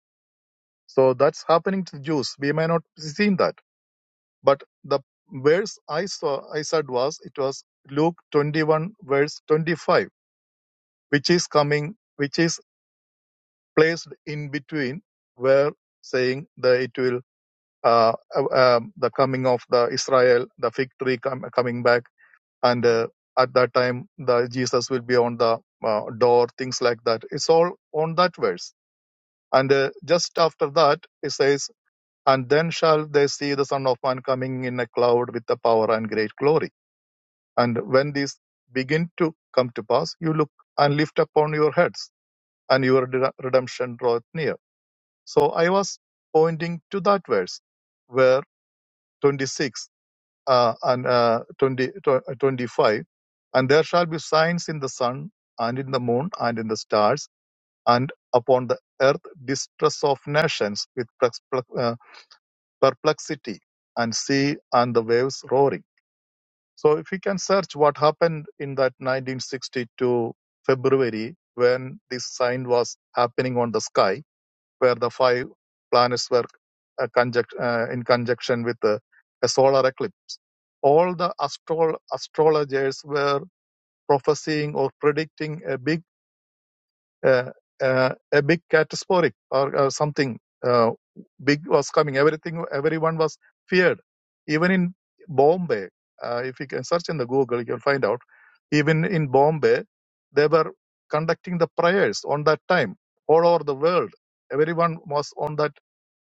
Speaker 7: So that's happening to the Jews. We may not have seen that, but the verse I saw I said was it was Luke 21 verse 25, which is coming, which is placed in between where saying that it will uh, uh, um, the coming of the Israel, the fig tree com- coming back, and uh, at that time the Jesus will be on the uh, door, things like that. It's all on that verse. And uh, just after that, it says, "And then shall they see the Son of Man coming in a cloud with the power and great glory." And when these begin to come to pass, you look and lift upon your heads, and your de- redemption draweth near. So I was pointing to that verse, where 26. uh, and uh, 20, tw- 25 and there shall be signs in the sun and in the moon and in the stars and upon the earth distress of nations with perplex- uh, perplexity and sea and the waves roaring so if you can search what happened in that 1962 february when this sign was happening on the sky where the five planets were uh, conjunct, uh, in conjunction with uh, a solar eclipse all the astro- astrologers were prophesying or predicting a big uh, uh, a big catastrophic or, or something uh, big was coming everything everyone was feared even in bombay uh, if you can search in the google you'll find out even in bombay they were conducting the prayers on that time all over the world everyone was on that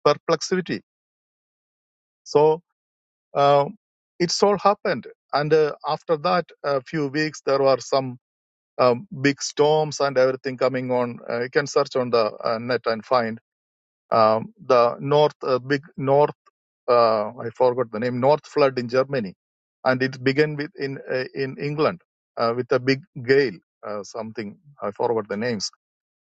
Speaker 7: perplexity so uh, it all happened. And uh, after that, a few weeks, there were some um, big storms and everything coming on. Uh, you can search on the uh, net and find um, the north, uh, big north, uh, I forgot the name, north flood in Germany. And it began with in uh, in England uh, with a big gale, uh, something I forgot the names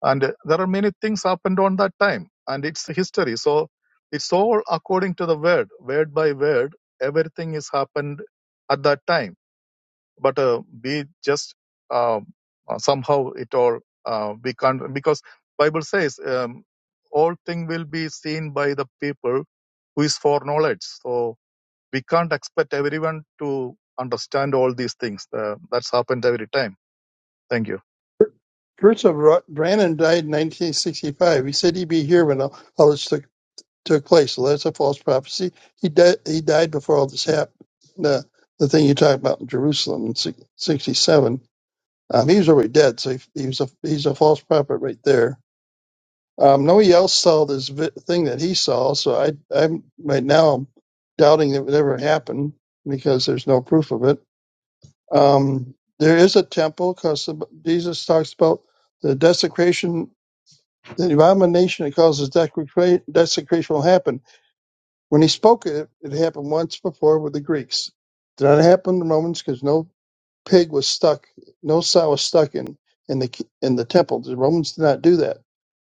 Speaker 7: and uh, there are many things happened on that time and it's history so it's all according to the word word by word everything is happened at that time but uh, we just um, uh, somehow it all uh, we can't because bible says um, all thing will be seen by the people who is for knowledge so we can't expect everyone to understand all these things uh, that's happened every time thank you
Speaker 4: Bruce of Ro- Brannan died in 1965. He said he'd be here when all, all this took took place. So that's a false prophecy. He died. He died before all this happened. The the thing you talk about in Jerusalem in 67. Um, he was already dead, so he, he was a he's a false prophet right there. Um, nobody else saw this vi- thing that he saw, so I, I'm right now I'm doubting it would ever happen because there's no proof of it. Um, there is a temple because Jesus talks about the desecration, the abomination that causes desecra- desecration will happen. When he spoke it, it happened once before with the Greeks. Did not happen to the Romans because no pig was stuck, no sow was stuck in in the in the temple. The Romans did not do that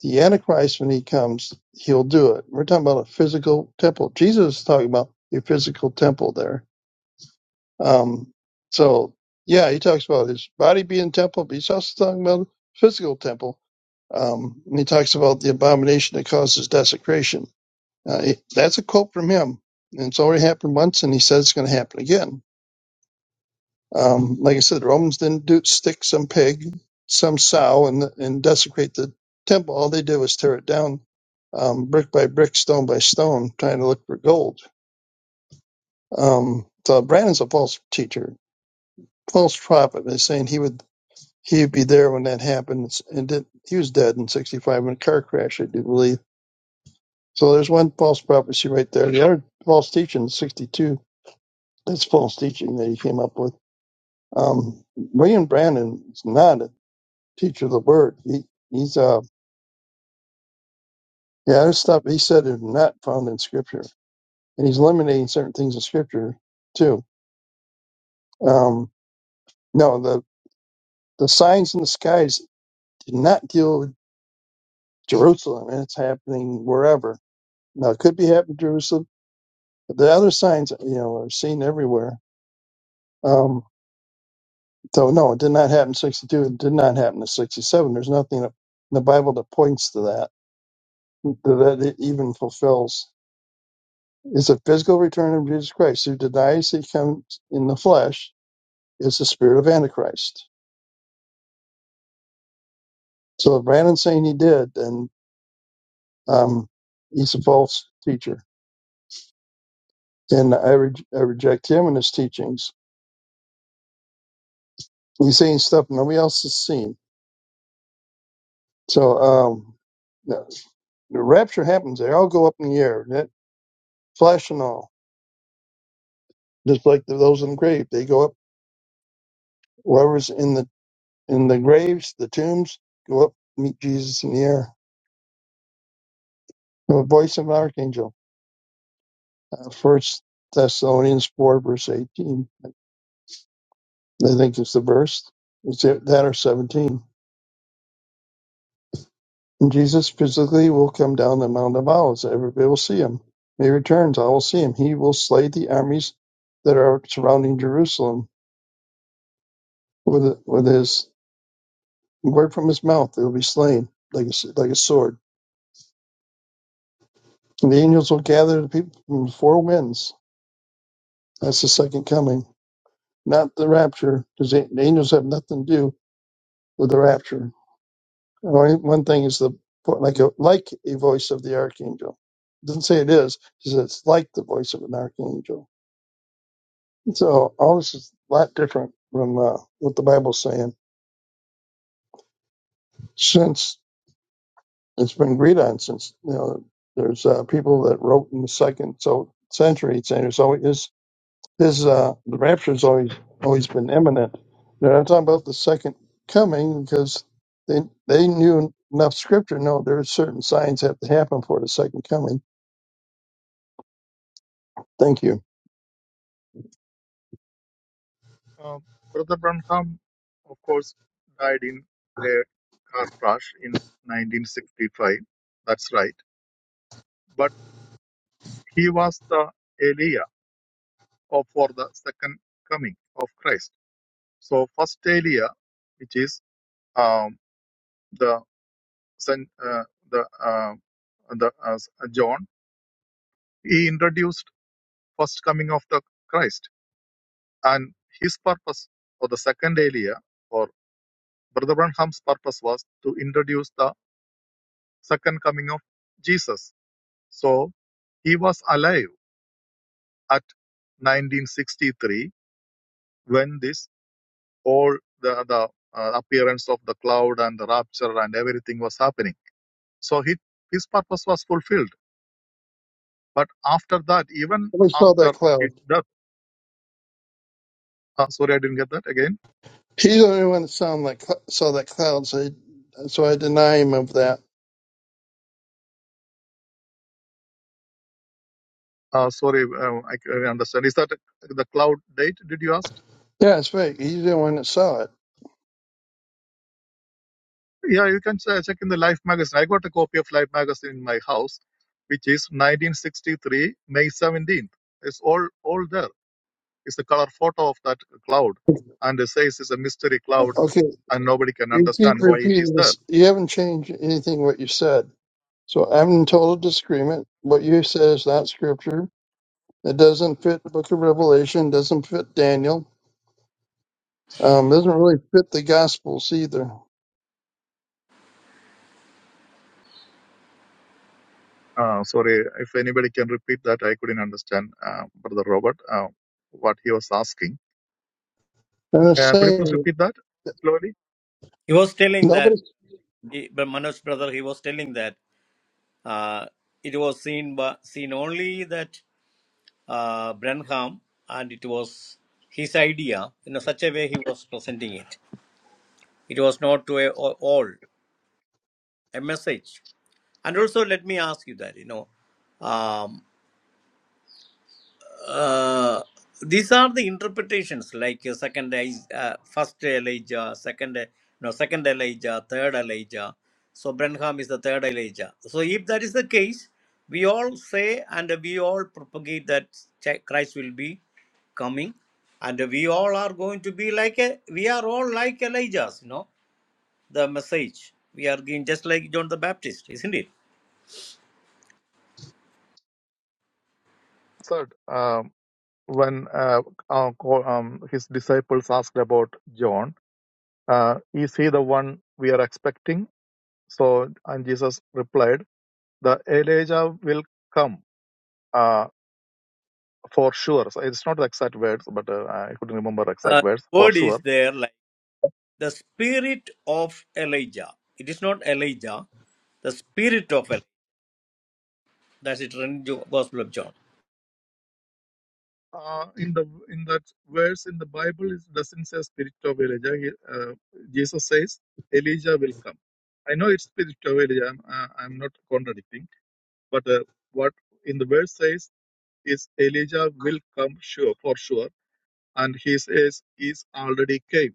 Speaker 4: the Antichrist, when he comes, he'll do it. We're talking about a physical temple. Jesus is talking about a physical temple there. Um, so, yeah, he talks about his body being temple, but he's also talking about a physical temple. Um, and he talks about the abomination that causes desecration. Uh, it- that's a quote from him. And it's already happened once, and he says it's going to happen again. Um, like I said, the Romans didn't do stick some pig, some sow, and and desecrate the temple. All they did was tear it down, um, brick by brick, stone by stone, trying to look for gold. Um, so Brandon's a false teacher, false prophet. They're saying he would he'd be there when that happened, and did, he was dead in '65 in a car crash, I do believe. So there's one false prophecy right there. The other false teaching, '62, that's false teaching that he came up with. Um, William Brandon is not a teacher of the word. He, he's uh yeah, there's stuff he said is not found in scripture, and he's eliminating certain things in scripture too. Um, no, the the signs in the skies did not deal with Jerusalem, and it's happening wherever. Now it could be happening in Jerusalem, but the other signs you know are seen everywhere. Um, so no, it did not happen in 62. It did not happen in 67. There's nothing in the Bible that points to that that it even fulfills. is a physical return of Jesus Christ. Who denies he comes in the flesh is the spirit of Antichrist. So if Brandon's saying he did, then um, he's a false teacher. And I, re- I reject him and his teachings. He's saying stuff nobody else has seen. So um, the the rapture happens. They all go up in the air, that flesh and all, just like the, those in the grave. They go up, whoever's in the in the graves, the tombs, go up, meet Jesus in the air. The voice of an archangel. Uh, First Thessalonians four verse eighteen. I think it's the verse. It's it, that or seventeen. And Jesus physically will come down the Mount of Olives. Everybody will see him. When he returns. I will see him. He will slay the armies that are surrounding Jerusalem with with his word from his mouth. They will be slain like a like a sword. And the angels will gather the people from the four winds. That's the second coming, not the rapture, because the the angels have nothing to do with the rapture One one thing is the like a like a voice of the archangel. It doesn't say it is. It says it's like the voice of an archangel. So all this is a lot different from uh, what the Bible's saying. Since it's been agreed on, since you know there's uh, people that wrote in the second so century saying there's always his, his uh, the rapture's always always been imminent. They're not talking about the second coming because they they knew enough scripture. No, there are certain signs that have to happen for the second coming Thank you.
Speaker 7: Uh, Brother Branham, of course, died in a car crash in 1965. That's right. But he was the Elijah of, for the second coming of Christ. So, first Elijah, which is um, the son, uh, the uh, the uh, John, he introduced first coming of the Christ, and his purpose for the second Elijah or Brother Branham's purpose was to introduce the second coming of Jesus. So he was alive at 1963 when this all the, the uh, appearance of the cloud and the rapture and everything was happening. So he, his purpose was fulfilled. But after that, even
Speaker 4: We saw that
Speaker 7: after
Speaker 4: cloud.
Speaker 7: his death, uh, sorry, I didn't get that again.
Speaker 4: He's the only one that saw that cl- saw that cloud, so, I, so I deny him of that.
Speaker 7: Uh, sorry, uh, I can understand. Is that the cloud date? Did you ask?
Speaker 4: Yeah, it's fake. He's the one that saw it.
Speaker 7: Yeah, you can ch- check in the Life magazine. I got a copy of Life magazine in my house, which is 1963 May 17th. It's all all there. It's a color photo of that cloud, and it says it's a mystery cloud,
Speaker 4: Okay,
Speaker 7: and nobody can
Speaker 4: you keep
Speaker 7: understand why it is
Speaker 4: repeating
Speaker 7: there.
Speaker 4: this. You haven't changed anything what you said. So I'm in total disagreement. What you said is not scripture. It doesn't fit the book of Revelation, doesn't fit Daniel, um, doesn't really fit the Gospels either.
Speaker 7: Uh, sorry, if anybody can repeat that, I couldn't understand, uh, Brother Robert, uh, what he was asking.
Speaker 4: And I'm
Speaker 7: Uh, could you please
Speaker 4: saying,
Speaker 7: repeat that slowly?
Speaker 6: he was telling that
Speaker 4: nobody,
Speaker 6: he, but manoj brother he was telling that uh, it was seen by, seen only that uh, Brenham, and it was his idea. In such a way, he was presenting it. It was not to a, all a message. And also, let me ask you that you know, um, uh, these are the interpretations like uh, second Eli- uh, first elijah second uh, no second elijah third elijah so Branham is the third elijah so if that is the case we all say and we all propagate that Ch- christ will be coming and we all are going to be like a, we are all like elijahs you know the message we are giving just like john the baptist isn't it
Speaker 7: Third, um, when uh, uh, co- um, his disciples asked about John. uh, Is he the one we are expecting? So, and Jesus replied, The Elijah will come uh, for sure. So it's not the exact words, but uh, I couldn't remember
Speaker 6: uh,
Speaker 7: exact words for
Speaker 6: word is
Speaker 7: sure.
Speaker 6: there the spirit of Elijah. It is not Elijah, the spirit of Elijah. That's it, in the Gospel of John.
Speaker 7: Uh, in the in that verse in the Bible, it doesn't say spirit of Elijah. He, uh, Jesus says Elijah will come. I know it's spirit of Elijah. I'm, uh, I'm not contradicting, but uh, what in the verse says is Elijah will come sure for sure, and he says is already came.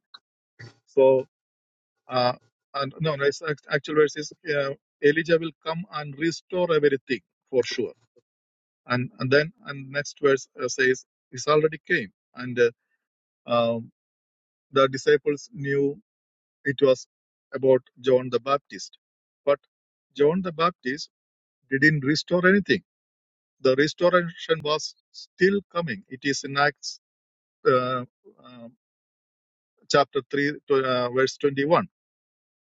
Speaker 7: So, uh, and no, no, it's act- actual verse is uh, Elijah will come and restore everything for sure. And and then and next verse uh, says he's already came, and uh, um, the disciples knew it was about John the Baptist, but John the Baptist didn't restore anything. The restoration was still coming. It is in Acts uh, uh, chapter three, to, uh, verse twenty-one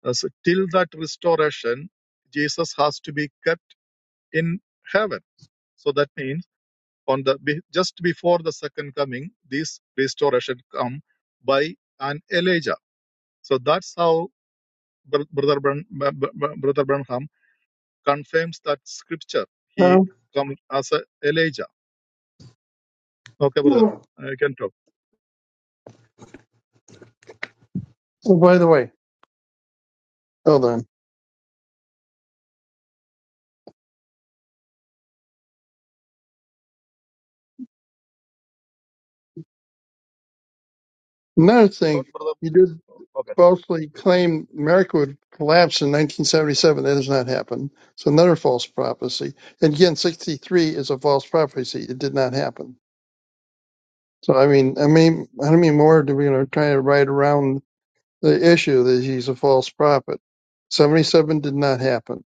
Speaker 7: Uh, so till that restoration, Jesus has to be kept in heaven. So that means on the be- just before the second coming, this restoration come by an Elijah. So that's how Brother Bran- Brother Branham confirms that scripture. He
Speaker 4: no,
Speaker 7: comes as a Elijah. Okay, brother,
Speaker 4: no.
Speaker 7: I can talk.
Speaker 4: Oh, by the way, hold on. Another
Speaker 7: I
Speaker 4: thing,
Speaker 7: thought brother.
Speaker 4: you did.
Speaker 7: Okay,
Speaker 4: falsely claimed America would collapse in 1977. That has not happened. So another false prophecy. And again, 63 is a false prophecy. It did not happen. So I mean, I mean, how many more do we you know, try to write around the issue that he's a false prophet? 77 did not happen.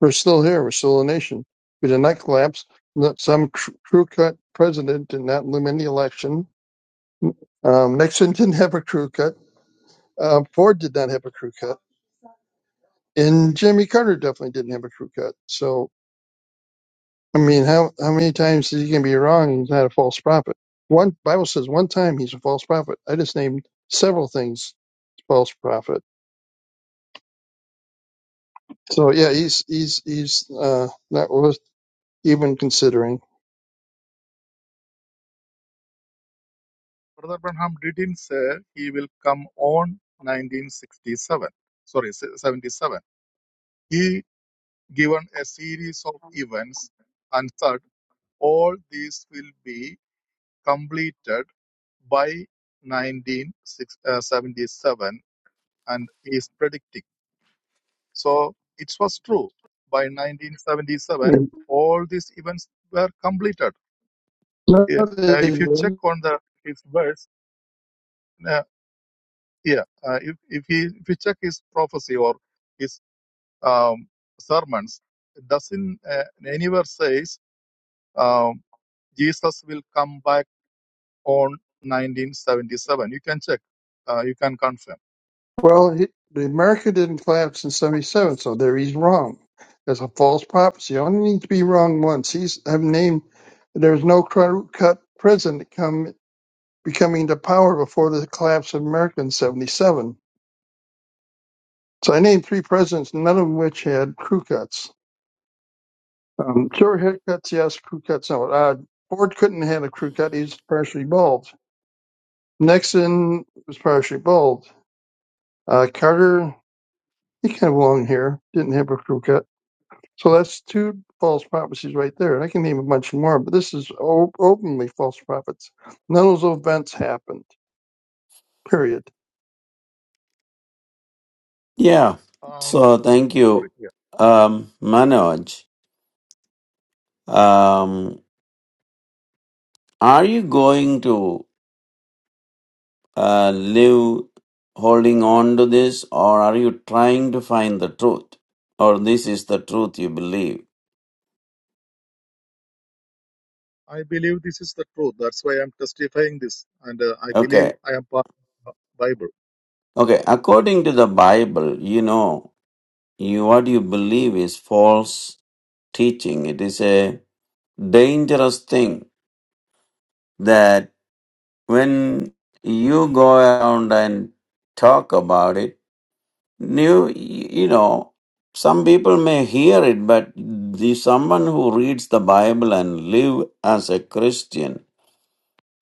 Speaker 4: We're still here. We're still a nation. We did not collapse. No- Some tr- crew cut president did not win the election. Um, Nixon didn't have a crew cut. Uh, Ford did not have a crew cut. And Jimmy Carter definitely didn't have a crew cut. So I mean, how how many times is he going to be wrong? and He's not a false prophet. One Bible says one time he's a false prophet. I just named several things false prophet. So yeah, he's he's he's uh, not worth even considering.
Speaker 7: Brother Branham didn't say he will come on 1967. Sorry, se- He given a series of events, and third, all these will be completed by 1977 and is predicting. So it was true. By 1977,
Speaker 4: And
Speaker 7: all these events were completed. Yeah. Uh, if you check
Speaker 4: another-
Speaker 7: on the his verse, uh, yeah, uh, if, if, he, if you check his prophecy or his um, sermons, it doesn't uh, anywhere says Um, Jesus will come back on 1977. You can check. Uh, you can confirm.
Speaker 4: Well, he, the America didn't collapse in '77, so there he's wrong. That's a false prophecy. You only need to be wrong once. He's I've named. There's no cru- cut president come. becoming to power before the collapse of America in 77. So I named three presidents, none of which had crew cuts. Um, sure, haircuts, yes, crew cuts, no. Uh, Ford couldn't have had a crew cut. He was partially bald. Nixon was partially bald. Uh, Carter, he kind of long hair, didn't have a crew cut. So that's two false prophecies right there. And I can name a bunch more, but this is o- openly false prophets. None of those events happened, period.
Speaker 3: Yeah.
Speaker 7: Um,
Speaker 3: So thank
Speaker 7: sorry.
Speaker 3: you,
Speaker 7: Yeah.
Speaker 3: um, Manoj. Um, are you going to? uh, live holding on to this, or are you trying to find the truth? Or this is the truth you believe?
Speaker 7: I believe this is the truth. That's why I'm testifying this, and uh, I believe
Speaker 3: Okay,
Speaker 7: I am part of the Bible.
Speaker 3: okay. According to the Bible, you know, you what you believe is false teaching. It is a dangerous thing that when you go around and talk about it new you know some people may hear it but the someone who reads the bible and live as a christian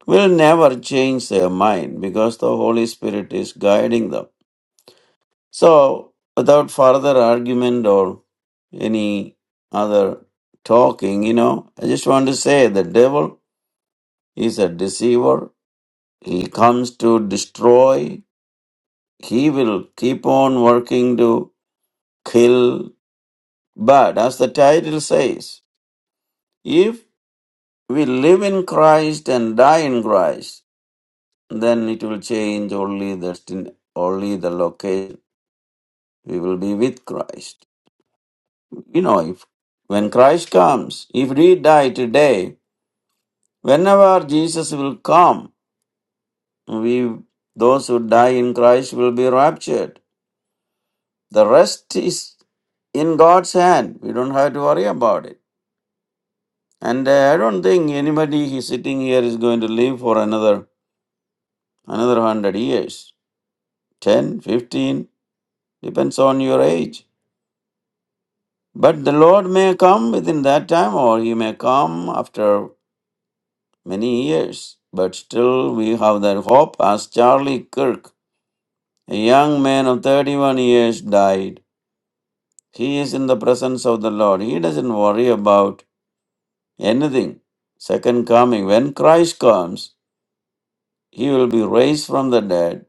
Speaker 3: will never change their mind because the holy spirit is guiding them so without further argument or any other talking you know i just want to say the devil is a deceiver he comes to destroy he will keep on working to kill But as the title says, if we live in Christ and die in Christ, then it will change only the destin- only the location. We will be with Christ. You know, if when Christ comes, if we die today, whenever Jesus will come, we those who die in Christ will be raptured. The rest is in God's hand. We don't have to worry about it. And uh, I don't think anybody is sitting here is going to live for another another 100 years, 10, 15, depends on your age. But the Lord may come within that time or he may come after many years. But still, we have that hope as Charlie Kirk, a young man of 31 years, died. He is in the presence of the Lord. He doesn't worry about anything. Second coming, when Christ comes, he will be raised from the dead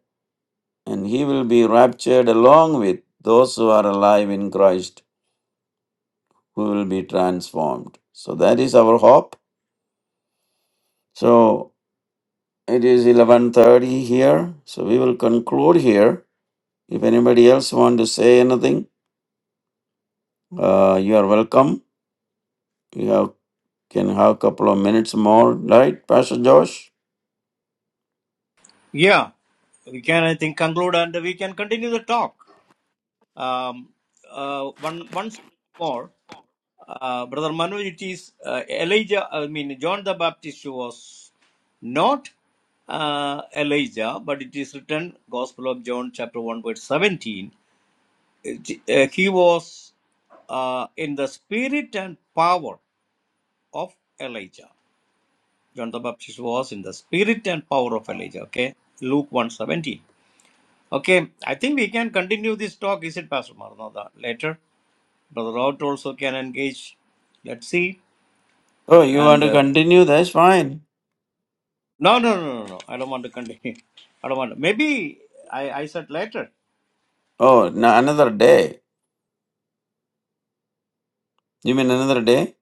Speaker 3: and he will be raptured along with those who are alive in Christ who will be transformed. So that is our hope. So it is 11:30 here. So we will conclude here. If anybody else want to say anything, uh, you are welcome. You have can have a couple of minutes more, right, Pastor Josh?
Speaker 6: Yeah, we can, I think, conclude and we can continue the talk. Um, uh, one, once more, uh, Brother Manoj, it is uh, Elijah, I mean, John the Baptist was not uh, Elijah, but it is written, Gospel of John, chapter 1, verse 17. It- uh, he was uh, in the spirit and power. of Elijah. John the Baptist was in the spirit and power of Elijah. Okay. Luke 117. Okay. I think we can continue this talk, is it, Pastor Maranatha? Later. Brother Robert also can engage. Let's see.
Speaker 3: Oh, you want
Speaker 6: And
Speaker 3: to
Speaker 6: uh,
Speaker 3: continue? That's fine.
Speaker 6: no, no, no, no, no. I don't want to continue. I don't want to. Maybe I, I said later.
Speaker 3: Oh, no, another day. You mean another day?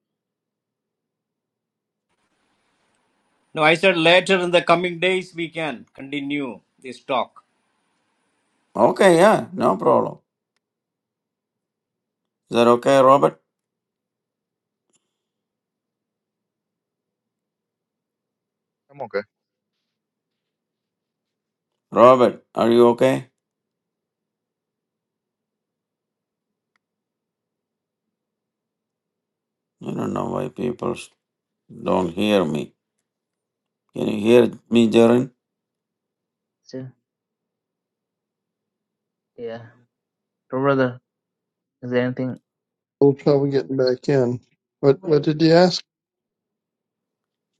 Speaker 6: No, I said later in the coming days we can continue this talk.
Speaker 3: Okay, yeah, no problem. Is that okay, Robert?
Speaker 7: I'm okay.
Speaker 3: Robert, are you okay? I don't know why people s- don't hear me. Can you hear me, Jaren?
Speaker 1: so yeah, so brother, is there anything?
Speaker 4: little trouble getting back in. What, what did you ask?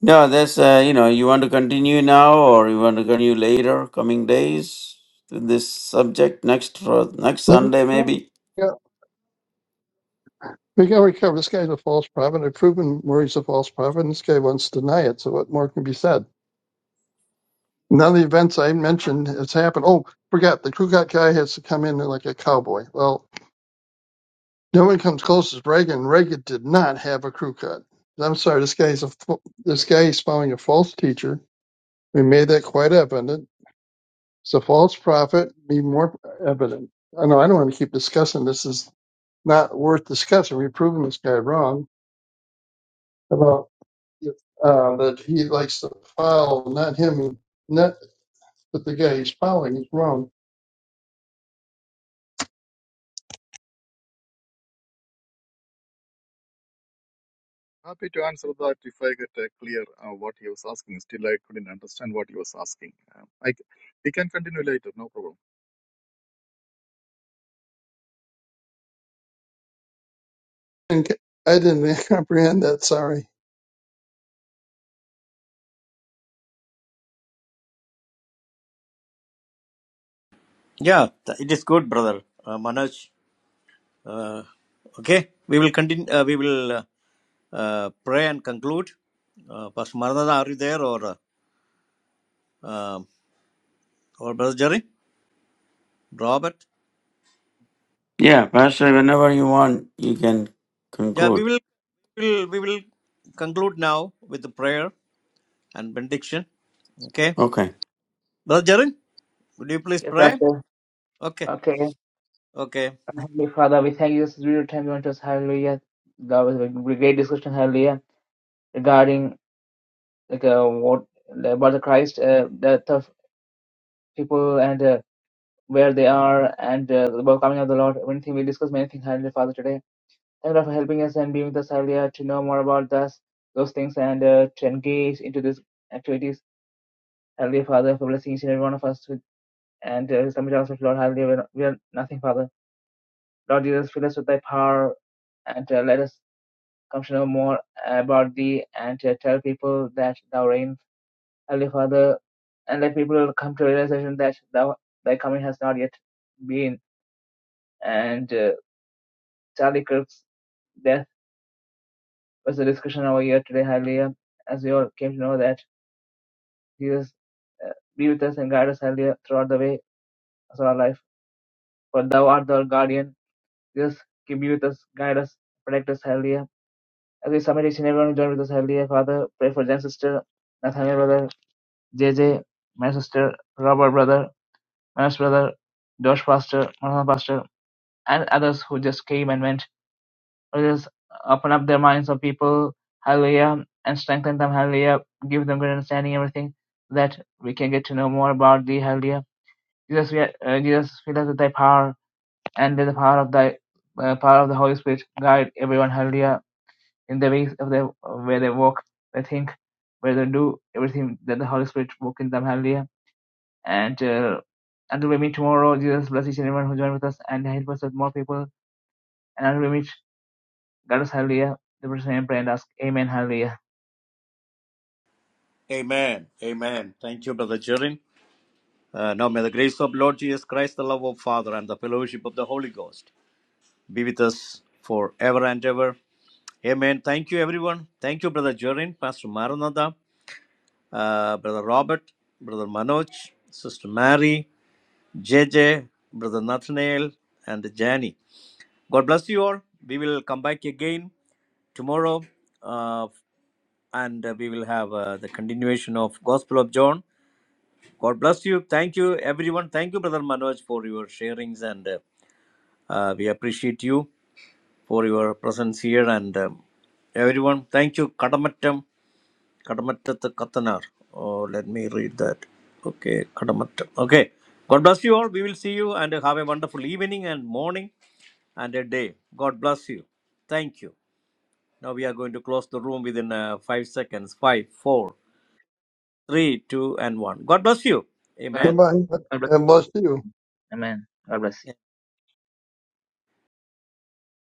Speaker 3: No, that's uh, you know, you want to continue now or you want to continue later, coming days, to this subject next or next
Speaker 4: Yeah,
Speaker 3: Sunday maybe.
Speaker 4: we got to recover. This guy's a false prophet. I've proven where he's a false prophet, and this guy wants to deny it. So what more can be said? None of the events I mentioned has happened. Oh, forgot the Kugat guy has to come in like a cowboy. Well, no one comes close as Reagan. Reagan did not have a crew cut. I'm sorry, this guy's a fa- this guy is following a false teacher. We made that quite evident. It's a false prophet, be more evident. I know I don't want to keep discussing this. Is not worth discussing. We've proven this guy wrong. uh, that he likes to file, not him, not but the guy he's filing is wrong.
Speaker 7: Happy to answer that if I get uh, clear uh, what he was asking. Still, I couldn't understand what he was asking. Um, I c- we can continue later. No problem.
Speaker 4: And I I didn't comprehend that. Sorry.
Speaker 6: Yeah, th- it is good, brother uh, Manoj. Uh, okay, we will continue. Uh, we will. uh, uh, pray and conclude. Uh, Pastor Maranatha, are you there or uh, um, or Brother Jerry, Robert?
Speaker 3: Yeah, Pastor, whenever you want, you can
Speaker 6: Yeah, we
Speaker 3: conclude.
Speaker 6: will we will we will conclude now with the prayer and benediction. Okay,
Speaker 3: Okay.
Speaker 6: Brother Jerry, would you please
Speaker 1: Yes,
Speaker 6: pray?
Speaker 1: Pastor.
Speaker 6: Okay,
Speaker 1: Okay.
Speaker 6: okay.
Speaker 1: Heavenly Father, we thank you this is real time you want us, hallelujah. God was a great discussion, hallelujah, regarding like uh, what about the Christ, uh, death of people and uh, where they are and uh, about coming of the Lord. Anything we discuss many things, Heavenly Father, today. Thank you for helping us and being with us, hallelujah, to know more about us, those things and uh, to engage into these activities. Hallelujah, Father, for blessing each and every one of us with, and uh, submit ourselves, Lord, hallelujah. We are, we are nothing, Father. Lord Jesus, fill us with thy power, and uh, let us Come to know more about thee and to tell people that thou reign, Heavenly Father, and let people come to realization that thou thy coming has not yet been. And uh, Charlie Kirk's death was a discussion over here today, Hallelujah, as we all came to know that Jesus uh, be with us and guide us, Hallelujah, throughout the way of our life. For thou art our guardian. Jesus, keep you with us, guide us, protect us, Hallelujah. As we submit each and everyone who joined with us, Hallelujah, Father, pray for Jen's sister, Nathaniel brother, J. J. my sister, Robert Brother, Manus Brother, Josh pastor, Martha pastor, and others who just came and went. Let us open up their minds of people, hallelujah, and strengthen them, hallelujah, give them good understanding, everything that we can get to know more about thee, hallelujah. Jesus, we are, uh, Jesus, fill us with thy power, and with the power of thy uh, power of the Holy Spirit guide everyone, hallelujah, in the ways of their, where they walk, they think, where they do, everything that the Holy Spirit work in them, hallelujah And uh, until we meet tomorrow, Jesus bless each and everyone who joined with us and help us with more people. And until we meet, God bless, hallelujah. The person in prayer and ask, Amen, hallelujah.
Speaker 6: Amen. Amen. Thank you, Brother Jerry. Uh, now may the grace of Lord Jesus Christ, the love of Father, and the fellowship of the Holy Ghost be with us forever and ever. Amen. Thank you, everyone. Thank you, Brother Jorin, Pastor Maranatha. uh, Brother Robert, Brother Manoj, Sister Mary, JJ, Brother Nathaniel, and Jani. God bless you all. We will come back again tomorrow uh, and uh, we will have uh, the continuation of Gospel of John. God bless you. Thank you, everyone. Thank you, Brother Manoj, for your sharings and uh, uh, we appreciate you for your presence here and um, everyone. Thank you, Kadamattam. Kadamatta katana. Oh, let me read that. Okay, Kadamatta. Okay, God bless you all. We will see you and have a wonderful evening and morning and a day. God bless you. Thank you. Now we are going to close the room within uh, five seconds. Five, four, three, two, and one. God bless you.
Speaker 1: God
Speaker 6: Amen.
Speaker 4: Goodbye.
Speaker 1: bless
Speaker 4: And bless you.
Speaker 1: you. Amen. God bless you.